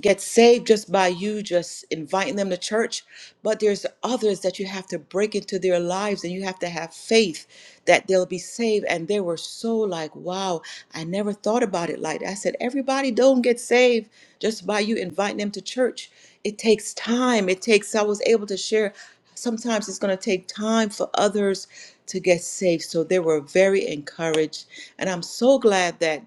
Speaker 1: get saved just by you just inviting them to church but there's others that you have to break into their lives and you have to have faith that they'll be saved and they were so like wow i never thought about it like that i said everybody don't get saved just by you inviting them to church it takes time it takes i was able to share sometimes it's going to take time for others to get saved so they were very encouraged and i'm so glad that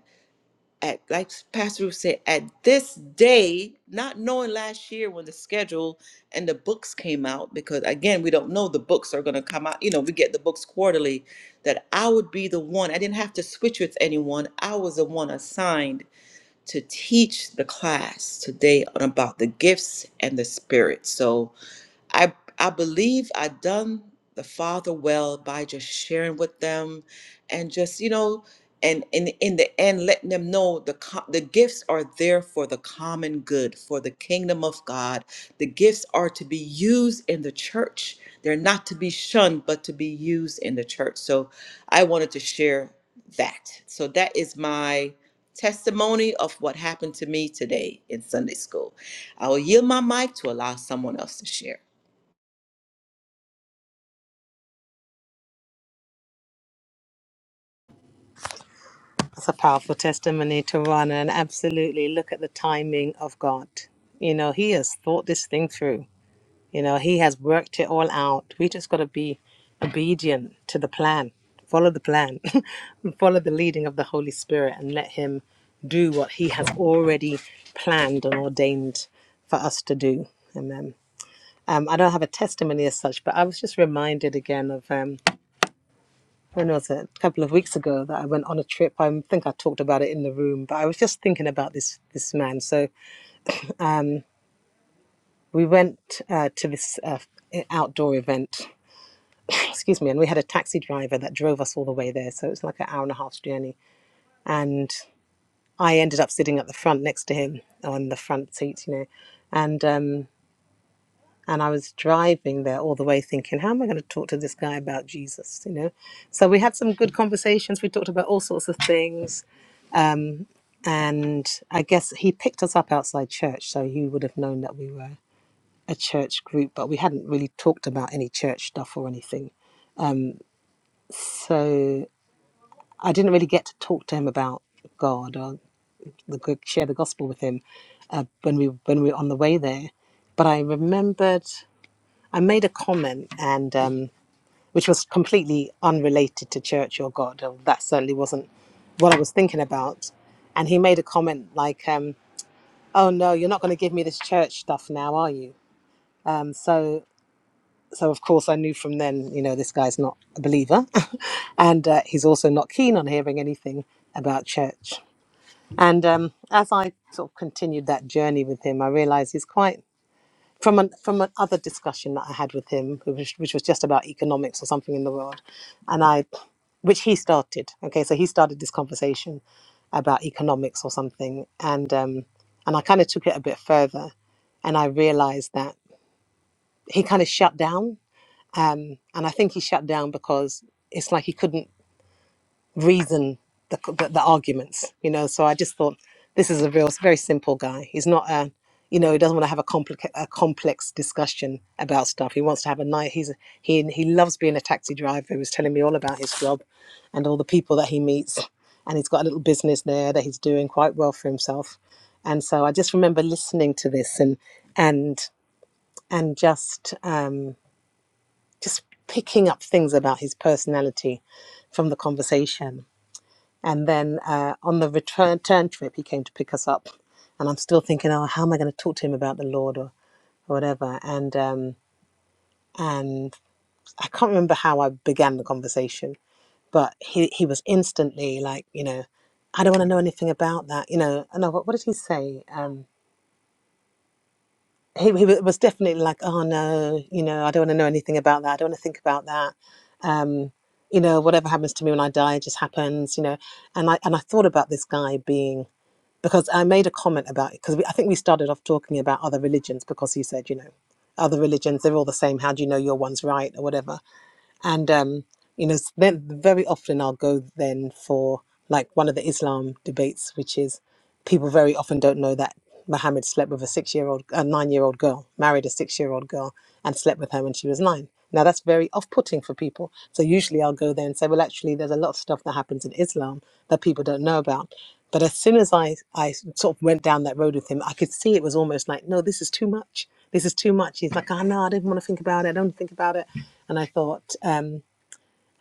Speaker 1: at like Pastor Ruth said, at this day, not knowing last year when the schedule and the books came out, because again, we don't know the books are gonna come out. You know, we get the books quarterly, that I would be the one. I didn't have to switch with anyone. I was the one assigned to teach the class today on about the gifts and the spirit. So I I believe I done the father well by just sharing with them, and just you know, and in in the end, letting them know the co- the gifts are there for the common good, for the kingdom of God. The gifts are to be used in the church. They're not to be shunned, but to be used in the church. So, I wanted to share that. So that is my testimony of what happened to me today in Sunday school. I will yield my mic to allow someone else to share.
Speaker 2: That's a powerful testimony to run and absolutely look at the timing of God. You know, He has thought this thing through. You know, He has worked it all out. We just got to be obedient to the plan, follow the plan, follow the leading of the Holy Spirit, and let Him do what He has already planned and ordained for us to do. Amen. Um, I don't have a testimony as such, but I was just reminded again of. Um, when was it? A couple of weeks ago that I went on a trip. I think I talked about it in the room, but I was just thinking about this this man. So we went uh, to this uh, outdoor event. Excuse me, and we had a taxi driver that drove us all the way there. So it was like an hour and a half journey, and I ended up sitting at the front next to him on the front seat, you know, and um, and I was driving there all the way thinking, how am I going to talk to this guy about Jesus, you know? So we had some good conversations. We talked about all sorts of things and I guess he picked us up outside church, so he would have known that we were a church group, but we hadn't really talked about any church stuff or anything. So I didn't really get to talk to him about God or the good, share the gospel with him uh, when we when we were on the way there. But I remembered I made a comment, and um, which was completely unrelated to church or God. or That certainly wasn't what I was thinking about. And he made a comment like. Um, oh no, you're not going to give me this church stuff now, are you? And so, so of course, I knew from then, you know, this guy's not a believer, and uh, he's also not keen on hearing anything about church. And um, as I sort of continued that journey with him, I realized he's quite from an from another discussion that I had with him, who which was just about economics or something in the world, and I, which he started. Okay, so he started this conversation about economics or something, and um, and I kind of took it a bit further, and I realized that he kind of shut down, um, and I think he shut down because it's like he couldn't reason the, the, the arguments, you know. So I just thought this is a real, very simple guy. He's not a, you know, he doesn't want to have a, complica- a complex discussion about stuff. He wants to have a night. He's a, he he loves being a taxi driver. He was telling me all about his job, and all the people that he meets, and he's got a little business there that he's doing quite well for himself. And so I just remember listening to this and and and just um, just picking up things about his personality from the conversation and then uh, on the return turn trip, he came to pick us up. And I'm still thinking, oh, how am I going to talk to him about the Lord or, or whatever? And um, and I can't remember how I began the conversation, but he, he was instantly like, you know, I don't want to know anything about that, you know. And I, what, what did he say? Um, he, he was definitely like, oh no, you know, I don't want to know anything about that. I don't want to think about that. Um, you know, whatever happens to me when I die, it just happens, you know. And I and I thought about this guy being because I made a comment about it because I think we started off talking about other religions because he said, you know, other religions they're all the same. How do you know your one's right or whatever? And um, you know, s- then very often I'll go then for like one of the Islam debates, which is people very often don't know that Mohammed slept with a six year old, a nine year old girl, married a six year old girl, and slept with her when she was nine. Now, that's very off putting for people. So, usually I'll go there and say, well, actually, there's a lot of stuff that happens in Islam that people don't know about. But as soon as I, I sort of went down that road with him, I could see it was almost like, no, this is too much. This is too much. He's like, oh, no, I didn't want to think about it. I don't want to think about it. And I thought, um,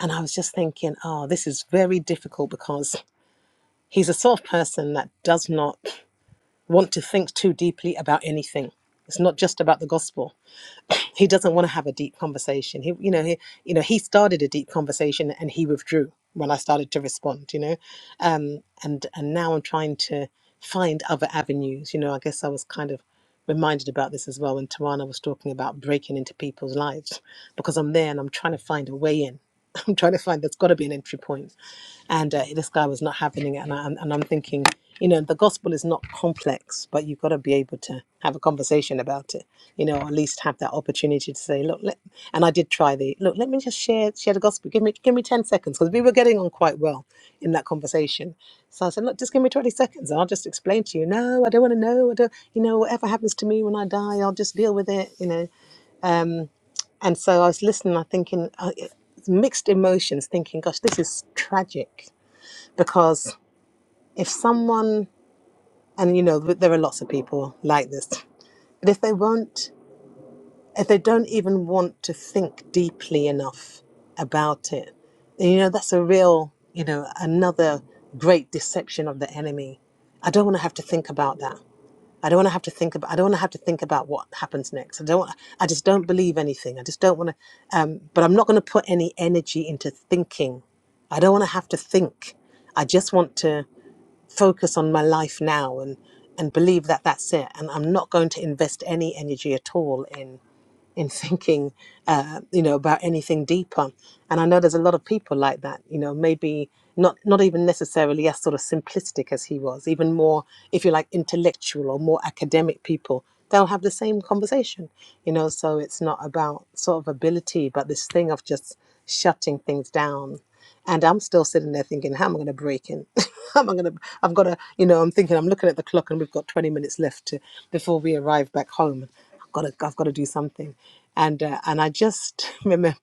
Speaker 2: and I was just thinking, oh, this is very difficult because he's a sort of person that does not want to think too deeply about anything. It's not just about the gospel. He doesn't want to have a deep conversation. He, you know, he, you know, he started a deep conversation and he withdrew when I started to respond. You know, um, and and now I'm trying to find other avenues. You know, I guess I was kind of reminded about this as well when Tarana was talking about breaking into people's lives because I'm there and I'm trying to find a way in. I'm trying to find there's got to be an entry point and uh, this guy was not having it and, I, and i'm thinking you know the gospel is not complex but you've got to be able to have a conversation about it you know or at least have that opportunity to say look let, and i did try the look let me just share share the gospel give me give me 10 seconds because we were getting on quite well in that conversation so i said look just give me 20 seconds i'll just explain to you no i don't want to know i don't you know whatever happens to me when i die i'll just deal with it you know um, and so i was listening i thinking uh, mixed emotions thinking gosh this is tragic because if someone and you know there are lots of people like this but if they won't if they don't even want to think deeply enough about it then, you know that's a real you know another great deception of the enemy i don't want to have to think about that i don't want to have to think about i don't want to have to think about what happens next i don't want, i just don't believe anything i just don't want to um, but i'm not going to put any energy into thinking I don't want to have to think. I just want to. focus on my life now and and believe that that's it and i'm not going to invest any energy at all in in thinking uh, you know about anything deeper and i know there's a lot of people like that you know maybe not not even necessarily as sort of simplistic as he was even more if you like intellectual or more academic people they'll have the same conversation you know so it's not about sort of ability but this thing of just shutting things down and I'm still sitting there thinking, how am I going to break in? how am I going to, I've got to, you know, I'm thinking, I'm looking at the clock and we've got 20 minutes left to, before we arrive back home. I've got to, I've got to do something. And, uh, and I just remember,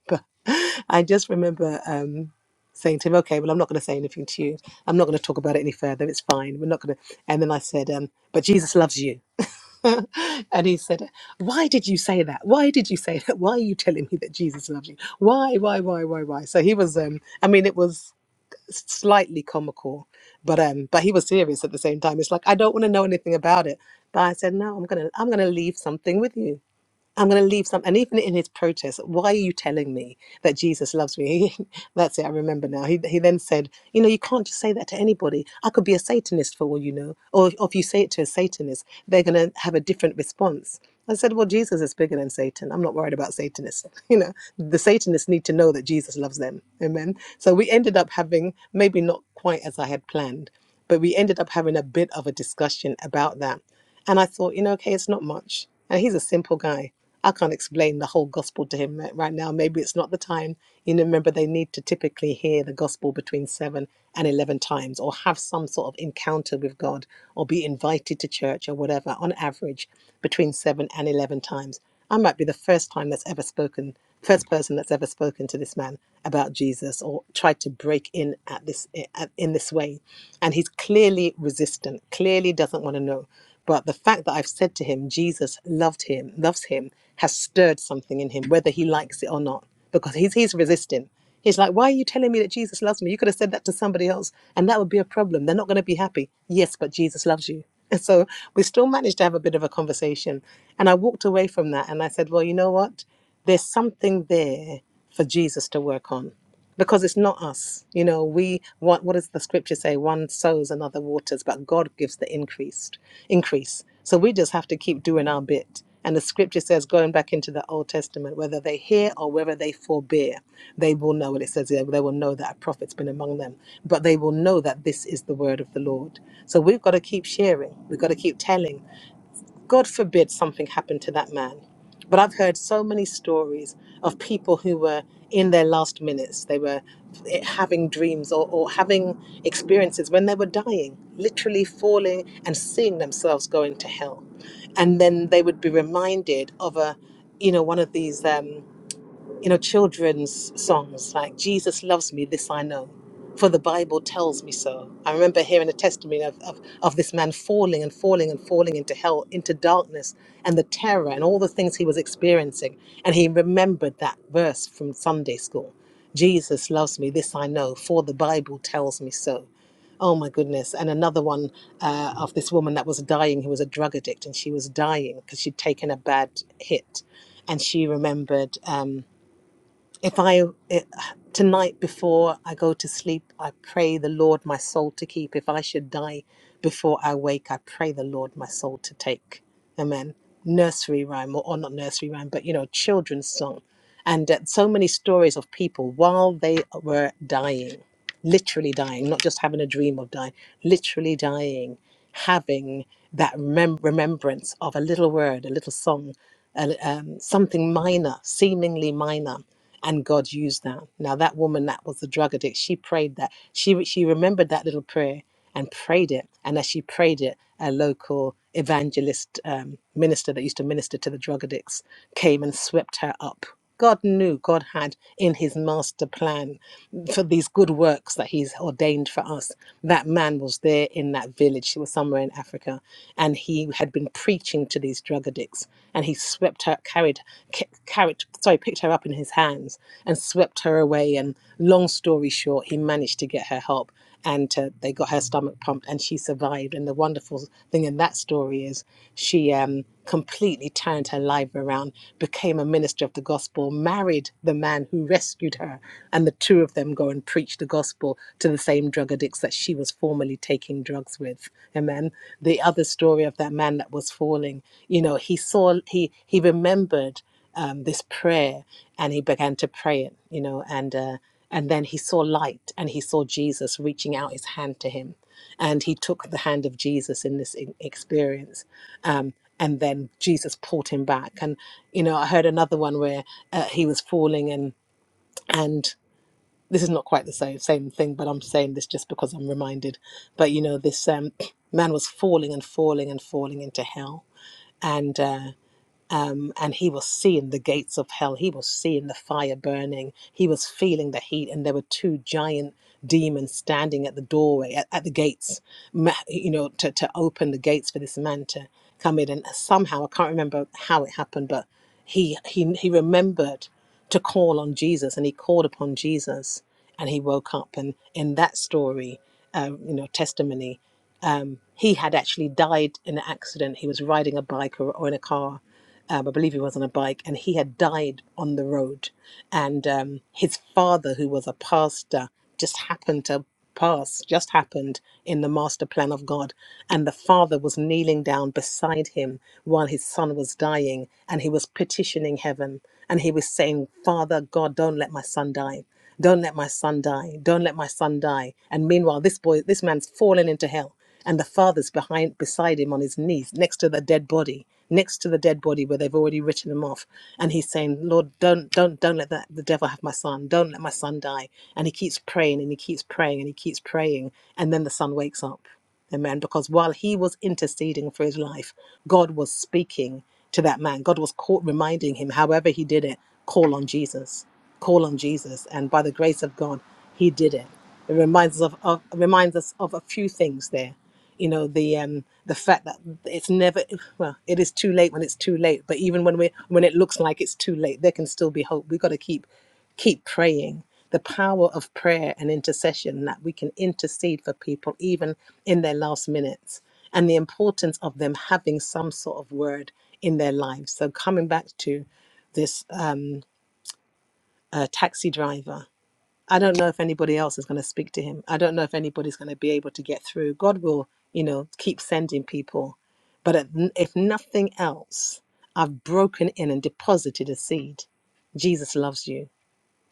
Speaker 2: I just remember, um, saying to him, okay, well, I'm not going to say anything to you. I'm not going to talk about it any further. It's fine. We're not going to. And then I said, um, but Jesus loves you. and he said, why did you say that? Why did you say that? Why are you telling me that Jesus loves you? Why, why, why, why, why? So he was, um, I mean, it was slightly comical, but, um, but he was serious at the same time. It's like, I don't want to know anything about it. But I said, no, I'm going to, I'm going to leave something with you. I'm going to leave some, and even in his protest, why are you telling me that Jesus loves me? He, that's it, I remember now. He, he then said, You know, you can't just say that to anybody. I could be a Satanist for all you know. Or, or if you say it to a Satanist, they're going to have a different response. I said, Well, Jesus is bigger than Satan. I'm not worried about Satanists. You know, the Satanists need to know that Jesus loves them. Amen. So we ended up having, maybe not quite as I had planned, but we ended up having a bit of a discussion about that. And I thought, you know, okay, it's not much. And he's a simple guy. I can't explain the whole gospel to him right right now. Maybe it's not the time. You know, remember, they need to typically hear the gospel between seven and 11 times or have some sort of encounter with God or be invited to church or whatever on average between seven and 11 times. I might be the first time that's ever spoken, first person that's ever spoken to this man about Jesus or tried to break in at this eh, at, in this way. And he's clearly resistant, clearly doesn't want to know but the fact that I've said to him, Jesus loved him, loves him, has stirred something in him, whether he likes it or not, because he's, he's resisting. He's like, Why are you telling me that Jesus loves me? You could have said that to somebody else, and that would be a problem. They're not going to be happy. Yes, but Jesus loves you. And so we still managed to have a bit of a conversation. And I walked away from that and I said, Well, you know what? There's something there for Jesus to work on because it's not us you know we what what does the scripture say one sows another waters but god gives the increased increase so we just have to keep doing our bit and the scripture says going back into the old testament whether they hear or whether they forbear they will know and it says there, they will know that a prophet's been among them but they will know that this is the word of the lord so we've got to keep sharing we've got to keep telling God forbid something happened to that man. But I've heard so many stories of people who were in their last minutes. They were eh, having dreams or, or having experiences when they were dying, literally falling and seeing themselves going to hell. And then they would be reminded of a, you know, one of these. Um, you know, children's songs like Jesus loves me, this I know, for the Bible tells me so. I remember hearing a testimony of, of, of this man falling and falling and falling into hell, into darkness, and the terror and all the things he was experiencing. And he remembered that verse from Sunday school Jesus loves me, this I know, for the Bible tells me so. Oh my goodness. And another one uh, of this woman that was dying, who was a drug addict, and she was dying because she'd taken a bad hit. And she remembered. Um, if I it, tonight before I go to sleep, I pray the Lord my soul to keep. If I should die before I wake, I pray the Lord my soul to take. Amen. Nursery rhyme, or, or not nursery rhyme, but you know, children's song. And uh, so many stories of people while they were dying, literally dying, not just having a dream of dying, literally dying, having that remem- remembrance of a little word, a little song a, um, something minor, seemingly minor, and God used that. Now that woman that was the drug addict, she prayed that. She she remembered that little prayer and prayed it. And as she prayed it, a local evangelist um, minister that used to minister to the drug addicts came and swept her up. God knew, God had in his master plan for these good works that he's ordained for us. That man was there in that village. He was somewhere in Africa and he had been preaching to these drug addicts and he swept her, carried, ca- carried, sorry, picked her up in his hands and swept her away. And long story short, he managed to get her help and to, they got her stomach pumped and she survived. And the wonderful thing in that story is she um, completely turned her life around, became a minister of the gospel, married the man who rescued her, and the two of them go and preach the gospel to the same drug addicts that she was formerly taking drugs with. Amen. The other story of that man that was falling, you know, he saw, he, he remembered um, this prayer and he began to pray it you know and uh, and then he saw light and he saw jesus reaching out his hand to him and he took the hand of jesus in this e- experience um, and then jesus pulled him back and you know i heard another one where uh, he was falling and and this is not quite the same same thing but i'm saying this just because i'm reminded but you know this um, man was falling and falling and falling into hell and uh, um, and he was seeing the gates of hell. He was seeing the fire burning. He was feeling the heat, and there were two giant demons standing at the doorway, at, at the gates, ma- you know, to, to open the gates for this man to come in. And somehow, I can't remember how it happened, but he he he remembered to call on Jesus, and he called upon Jesus, and he woke up. And in that story, uh, you know, testimony um, he had actually died in an accident. He was riding a bike or, or in a car. Um, I believe he was on a bike, and he had died on the road. And um, his father, who was a pastor, just happened to pass, just happened in the master plan of God. And the father was kneeling down beside him while his son was dying, and he was petitioning heaven. And he was saying, Father God, don't let my son die. Don't let my son die. Don't let my son die. And meanwhile, this boy, this man's fallen into hell and the father's behind beside him on his knees next to the dead body next to the dead body where they've already written him off and he's saying lord don't don't don't let that, the devil have my son don't let my son die and he keeps praying and he keeps praying and he keeps praying and then the son wakes up amen because while he was interceding for his life god was speaking to that man god was caught reminding him however he did it call on jesus call on jesus and by the grace of god he did it it reminds us of, of reminds us of a few things there. You know, the um the fact that it's never well, it is too late when it's too late, but even when we when it looks like it's too late, there can still be hope. We've got to keep keep praying. The power of prayer and intercession that we can intercede for people even in their last minutes and the importance of them having some sort of word in their lives. So coming back to this um, uh, taxi driver I don't know if anybody else is going to speak to him. I don't know if anybody's going to be able to get through. God will, you know, keep sending people. But at- if nothing else, I've broken in and deposited a seed. Jesus loves you.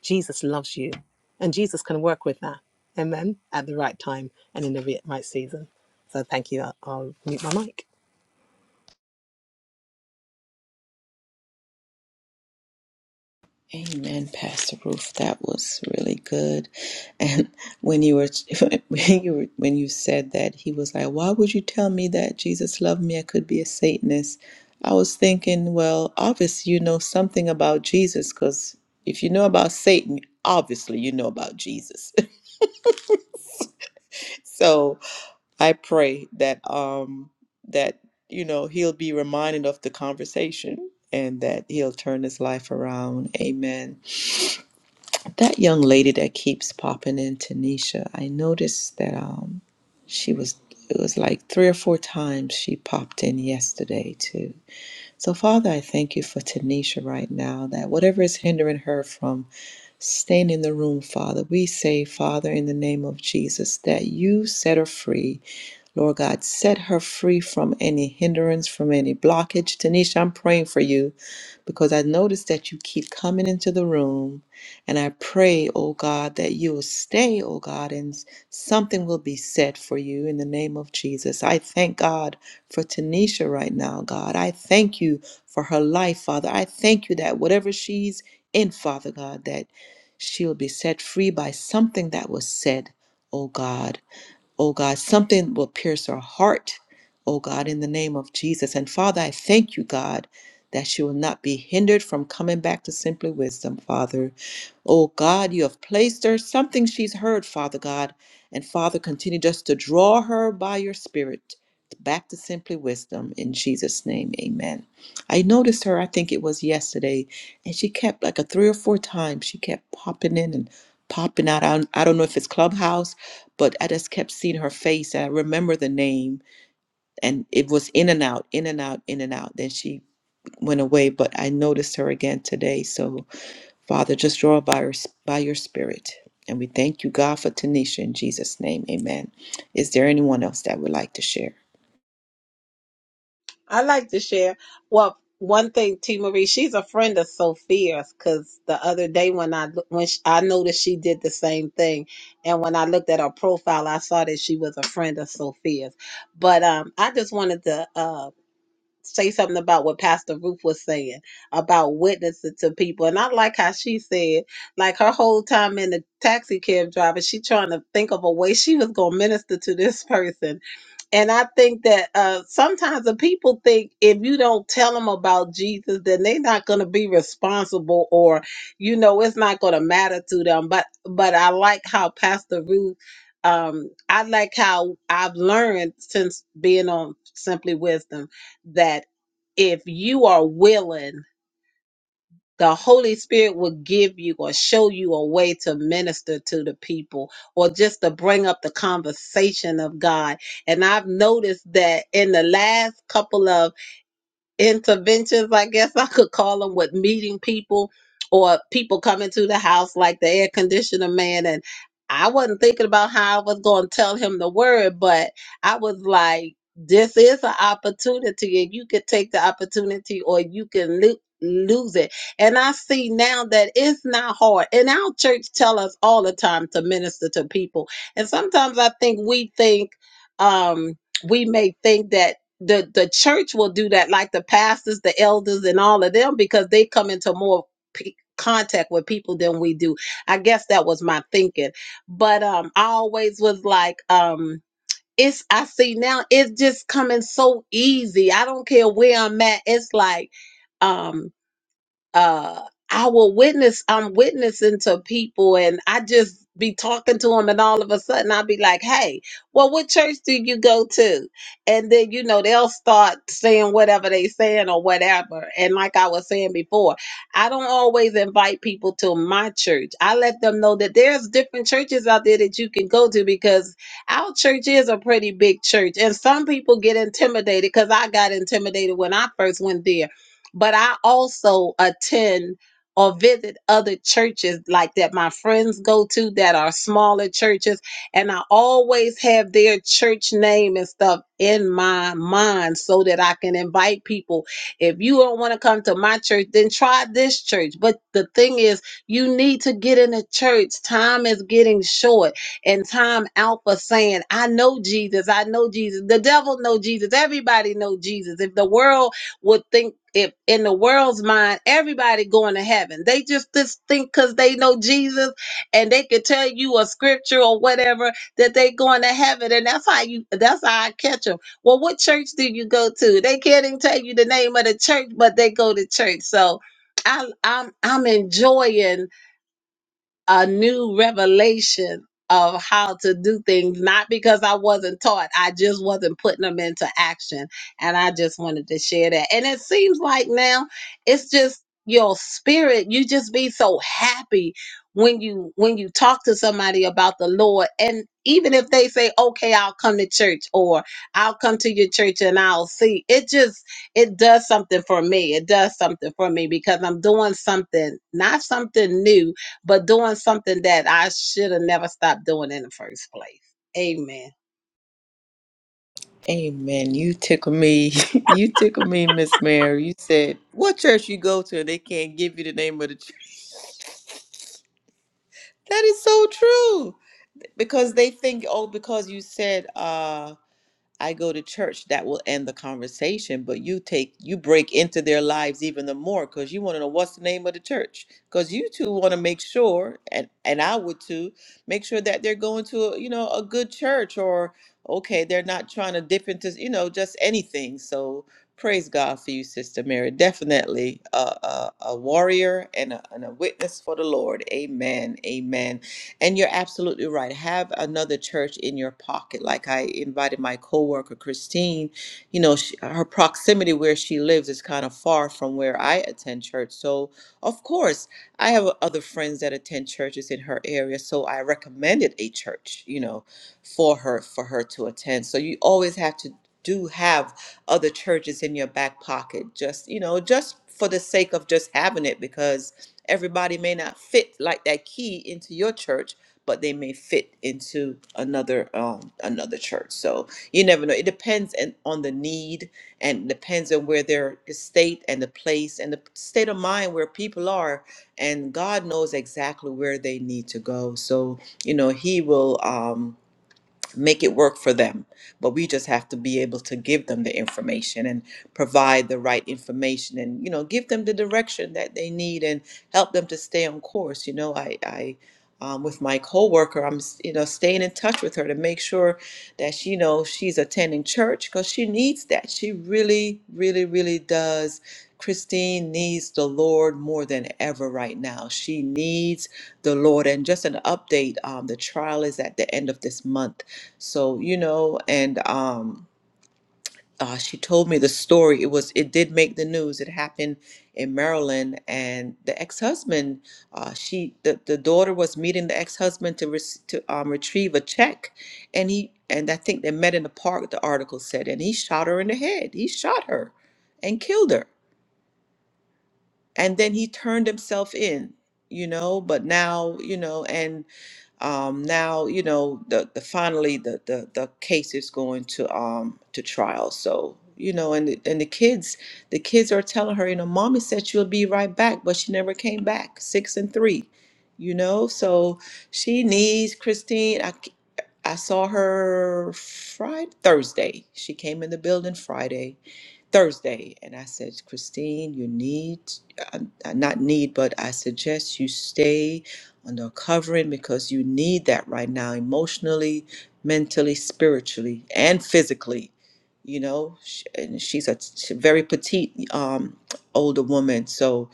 Speaker 2: Jesus loves you. And Jesus can work with that. Amen. At the right time and in the re- right season. So thank you. I'll, I'll mute my mic.
Speaker 1: Amen, Pastor Ruth. That was really good. And when you were when you were, when you said that, he was like, "Why would you tell me that Jesus loved me? I could be a Satanist." I was thinking, well, obviously you know something about Jesus, because if you know about Satan, obviously you know about Jesus. so I pray that um that you know he'll be reminded of the conversation and that he'll turn his life around. Amen. That young lady that keeps popping in, Tanisha, I noticed that um, she was, it was like three or four times she popped in yesterday too. So, Father, I thank you for Tanisha right now, that whatever is hindering her from staying in the room, Father, we say, Father, in the name of Jesus, that you set her free. Lord God, set her free from any hindrance, from any blockage. Tanisha, I'm praying for you because I notice that you keep coming into the room. And I pray, oh God, that you will stay, oh God, and something will be said for you in the name of Jesus. I thank God for Tanisha right now, God. I thank you for her life, Father. I thank you that whatever she's in, Father God, that she'll be set free by something that was said, oh God oh God, something will pierce her heart, oh God, in the name of Jesus. And Father, I thank you, God, that she will not be hindered from coming back to simply wisdom, Father. Oh God, you have placed her something she's heard, Father God. And Father, continue just to draw her by your Spirit back to simply wisdom in Jesus' name. Amen. I noticed her, I think it was yesterday, and she kept like a three or four times, she kept popping in and popping out. I I don't know if it's Clubhouse but I just kept seeing her face. And I remember the name, and it was in and out, in and out, in and out. Then she went away, but I noticed her again today. So, Father, just draw her by, your, by your spirit. And we thank you, God, for Tanisha in Jesus' name. Amen. Is there anyone else that would like to share?
Speaker 4: I like to share. Well, one thing, T Marie, she's a friend of Sophia's because the other day when I loo- when she, I noticed she did the same thing, and when I looked at her profile, I saw that she was a friend of Sophia's. But um, I just wanted to uh say something about what Pastor Ruth was saying about witnessing to people, and I like how she said, like her whole time in the taxi cab driver, she trying to think of a way she was gonna minister to this person and I think that uh, sometimes the people think if you don't tell them about Jesus, then they're not going to be responsible, or you know, it's not going to matter to them. But but I like how Pastor Ruth, um, I like how I've learned since being on Simply Wisdom that if you are willing the Holy Spirit will give you or show you a way to minister to the people or just to bring up the conversation of God. And I've noticed that in the last couple of interventions, I guess I could call them, with meeting people or people coming to the house like the air conditioner man. And I wasn't thinking about how I was going to tell him the word, but I was like, this is an opportunity, and you could take the opportunity or you can lo- lose it and i see now that it's not hard and our church tell us all the time to minister to people and sometimes i think we think um we may think that the the church will do that like the pastors the elders and all of them because they come into more p- contact with people than we do i guess that was my thinking but um i always was like um it's i see now it's just coming so easy i don't care where i'm at it's like um uh I will witness I'm witnessing to people and I just be talking to them and all of a sudden I'll be like, "Hey, well what church do you go to?" And then you know they'll start saying whatever they saying or whatever. And like I was saying before, I don't always invite people to my church. I let them know that there's different churches out there that you can go to because our church is a pretty big church and some people get intimidated cuz I got intimidated when I first went there but I also attend or visit other churches like that my friends go to that are smaller churches and I always have their church name and stuff in my mind so that I can invite people if you don't want to come to my church then try this church but the thing is you need to get in a church time is getting short and time out for saying I know Jesus I know Jesus the devil know Jesus everybody know Jesus if the world would think if in the world's mind everybody going to heaven they just just think because they know jesus and they could tell you a scripture or whatever that they going to heaven and that's how you that's how i catch them well what church do you go to they can't even tell you the name of the church but they go to church so I, I'm I'm enjoying a new revelation of how to do things, not because I wasn't taught, I just wasn't putting them into action. And I just wanted to share that. And it seems like now it's just your spirit, you just be so happy when you when you talk to somebody about the Lord and even if they say okay I'll come to church or I'll come to your church and I'll see it just it does something for me it does something for me because I'm doing something not something new but doing something that I should have never stopped doing in the first place. Amen.
Speaker 1: Amen. You tickle me. you tickle me, Miss Mary. You said, What church you go to, they can't give you the name of the church. That is so true. Because they think, oh, because you said, uh, I go to church, that will end the conversation. But you take, you break into their lives even the more because you want to know what's the name of the church. Because you two want to make sure, and and I would too, make sure that they're going to a, you know a good church or okay, they're not trying to dip into you know just anything. So praise God for you, Sister Mary. Definitely a a, a warrior and a, and a witness for the Lord. Amen. Amen. And you're absolutely right. Have another church in your pocket. Like I invited my coworker Christine. You know, she, her proximity where she lives is kind of far from where I attend church. So, of course, I have other friends that attend churches in her area. So I recommended a church. You know, for her for her to attend. So you always have to do have other churches in your back pocket. Just you know, just for the sake of just having it because Everybody may not fit like that key into your church, but they may fit into another um, another church. So you never know. It depends and on the need, and depends on where their estate and the place and the state of mind where people are. And God knows exactly where they need to go. So you know He will. Um, make it work for them. But we just have to be able to give them the information and provide the right information and, you know, give them the direction that they need and help them to stay on course. You know, I, I, um, with my coworker, I'm, s- you know, staying in touch with her to make sure that she knows she's attending church because she needs that. She really, really, really does. Christine needs the Lord more than ever right now. She needs the Lord. And just an update, um, the trial is at the end of this month so, you know, and um uh, she told me the story. It was it did make the news. It happened in Maryland, and the ex-husband, uh, she the, the daughter was meeting the ex-husband to rec- to um, retrieve a check, and he and I think they met in the park. The article said, and he shot her in the head. He shot her, and killed her and then he turned himself in you know but now you know and um now you know the, the finally the, the the case is going to um to trial so you know and the, and the kids the kids are telling her you know mommy said she'll be right back but she never came back six and three you know so she needs christine I I saw her friday thursday she came in the building friday Thursday. And I said, Christine, you need, uh, uh, not need, but I suggest you stay under a covering because you need that right now, emotionally, mentally, spiritually, and physically. You know, Sh- and she's a t- very petite um, older woman. So,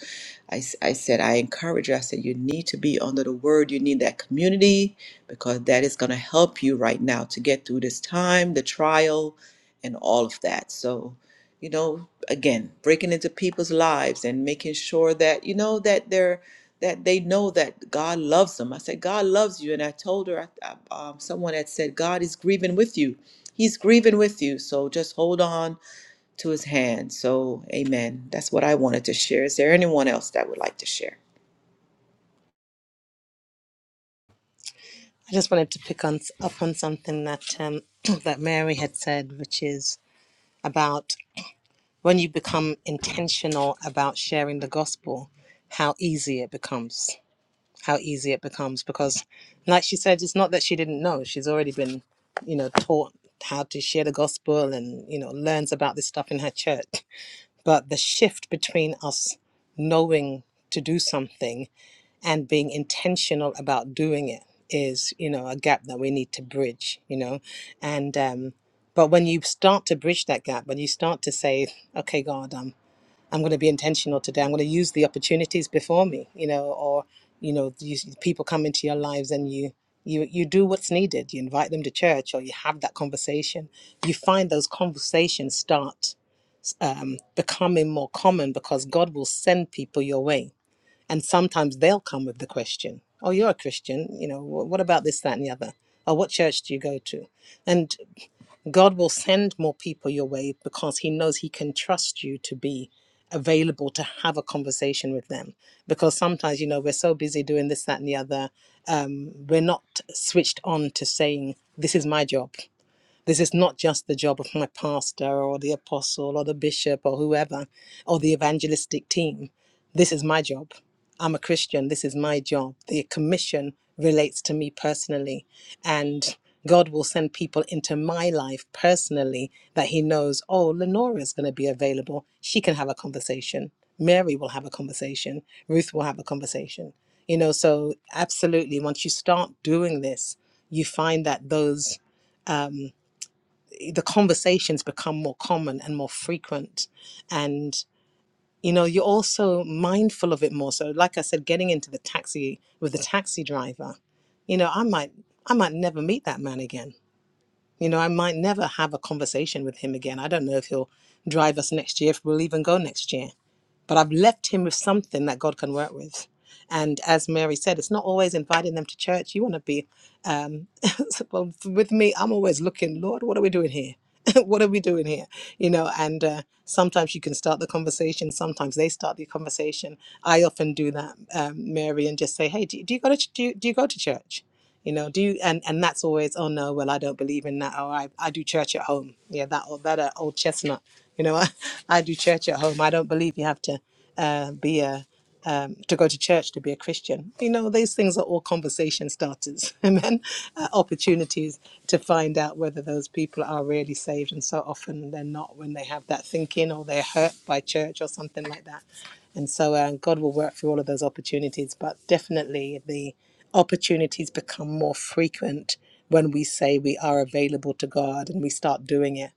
Speaker 1: I I said, I encourage you. I said, you need to be under the word. You need that community because that is going to help you right now to get through this time, the trial, and all of that. So, you know, again, breaking into people's lives and making sure that, you know, that they're that they know that God loves them. I said, God loves you. And I told her, I, I- um, someone had said, God is grieving with you. He's grieving with you. So just hold on to his hand. So, amen. That's what I wanted to share. Is there anyone else that would like to share?
Speaker 2: I just wanted to pick on, up on something that um, that Mary had said, which is about when you become intentional about sharing the gospel, how easy it becomes. How easy it becomes because, like she said, it's not that she didn't know. She's already been, you know, taught how to share the gospel and, you know, learns about this stuff in her church. But the shift between us knowing to do something and being intentional about doing it is, you know, a gap that we need to bridge, you know. And, um, but when you start to bridge that gap, when you start to say, okay, God, um I'm going to be intentional today. I'm going to use the opportunities before me, you know, or you know, these people come into your lives and you you you do what's needed. You invite them to church, or you have that conversation. You find those conversations start um, becoming more common because God will send people your way, and sometimes they'll come with the question, "Oh, you're a Christian, you know, wh- what about this, that, and the other?" Or what church do you go to? And God will send more people your way because He knows He can trust you to be available to have a conversation with them. Because sometimes, you know, we're so busy doing this, that, and the other, um, we're not switched on to saying, This is my job. This is not just the job of my pastor or the apostle or the bishop or whoever or the evangelistic team. This is my job. I'm a Christian. This is my job. The commission relates to me personally. And God will send people into my life personally that He knows, oh, Lenora is going to be available. She can have a conversation. Mary will have a conversation. Ruth will have a conversation. You know, so absolutely, once you start doing this, you find that those. um, the conversations become more common and more frequent and you know you're also mindful of it more so like i said getting into the taxi with the taxi driver you know i might i might never meet that man again you know i might never have a conversation with him again i don't know if he'll drive us next year if we'll even go next year but I've left him with something that God can work with. And as Mary said, it's not always inviting them to church. You want to be um, well, with me. I'm always looking, Lord, what are we doing here? what are we doing here? You know, and uh, sometimes you can start the conversation. Sometimes they start the conversation. I often do that, um, Mary, and just say, "Hey, do, do you go to do, you- do you go to church?" You know, do you and and that's always, "Oh no, well I don't believe in that," or "I I do church at home." Yeah, that old that uh, old chestnut. You know, I, I do church at home. I don't believe you have to uh, be a um, to go to church to be a Christian. You know, these things are all conversation starters, amen. Uh, opportunities to find out whether those people are really saved, and so often they're not when they have that thinking or they're hurt by church or something like that. And so uh, God will work through all of those opportunities, but definitely the opportunities become more frequent when we say we are available to God and we start doing it,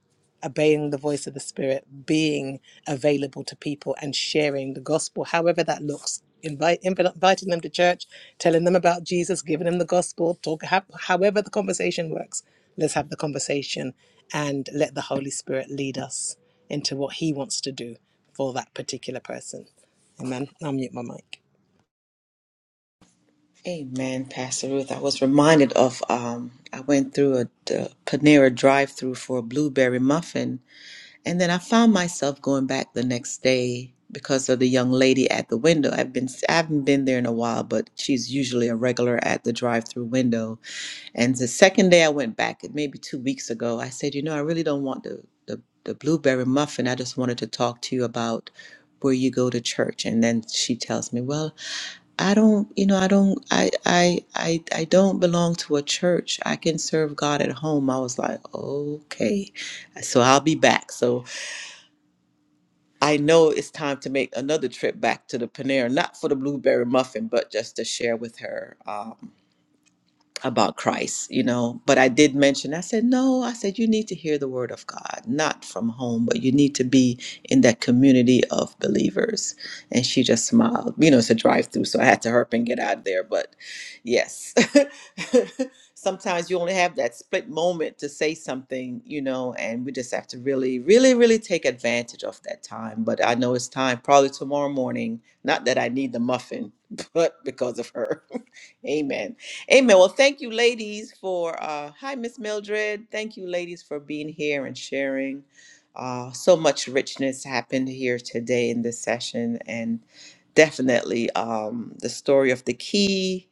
Speaker 2: obeying the voice of the Spirit, being available to people and sharing the gospel, however that looks. Invite, invi- inviting them to church, telling them about Jesus, giving them the gospel, talk, ha- however the conversation works, let's have the conversation and let the Holy Spirit lead us into what He wants to do for that particular person. Amen. I'll mute my mic.
Speaker 1: Amen, Pastor Ruth. I was reminded of um, I went through a, the Panera drive-through for a blueberry muffin, And then I found myself going back the next day because of the young lady at the window. I've been I haven't been there in a while, but she's usually a regular at the drive-through window. And the second day I went back, maybe two weeks ago, I said, you know, I really don't want the the, the blueberry muffin. I just wanted to talk to you about where you go to church. And then she tells me, well, I don't, you know, I don't, I, I, I, I don't belong to a church. I can serve God at home. I was like, okay, so I'll be back. So I know it's time to make another trip back to the Panera, not for the blueberry muffin, but just to share with her. um, about Christ, you know. But I did mention, I said, no, I said, you need to hear the word of God, not from home, but you need to be in that community of believers. And she just smiled. You know, it's a drive through, so I had to hurp and get out of there. But yes, sometimes you only have that split moment to say something, you know, and we just have to really, really, really take advantage of that time. But I know it's time, probably tomorrow morning. Not that I need the muffin, but because of her. Amen. Amen. Well, thank you, ladies, for uh, hi, Miss Mildred. Thank you, ladies, for being here and sharing. Uh, so much richness happened here today in this session, and definitely um, the story of the key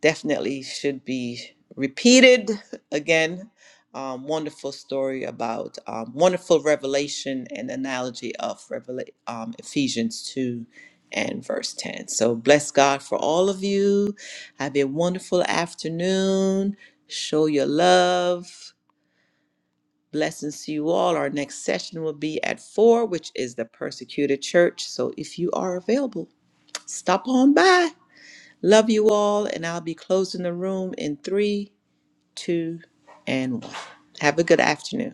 Speaker 1: definitely should be repeated again. Um, wonderful story about um, wonderful revelation and analogy of Revela- um, Ephesians 2 and verse 10. So bless God for all of you. Have a wonderful afternoon. Show your love. Blessings to you all. Our next session will be at 4, which is the persecuted church. So if you are available, stop on by. Love you all, and I'll be closing the room in three, two, and one. Have a good afternoon.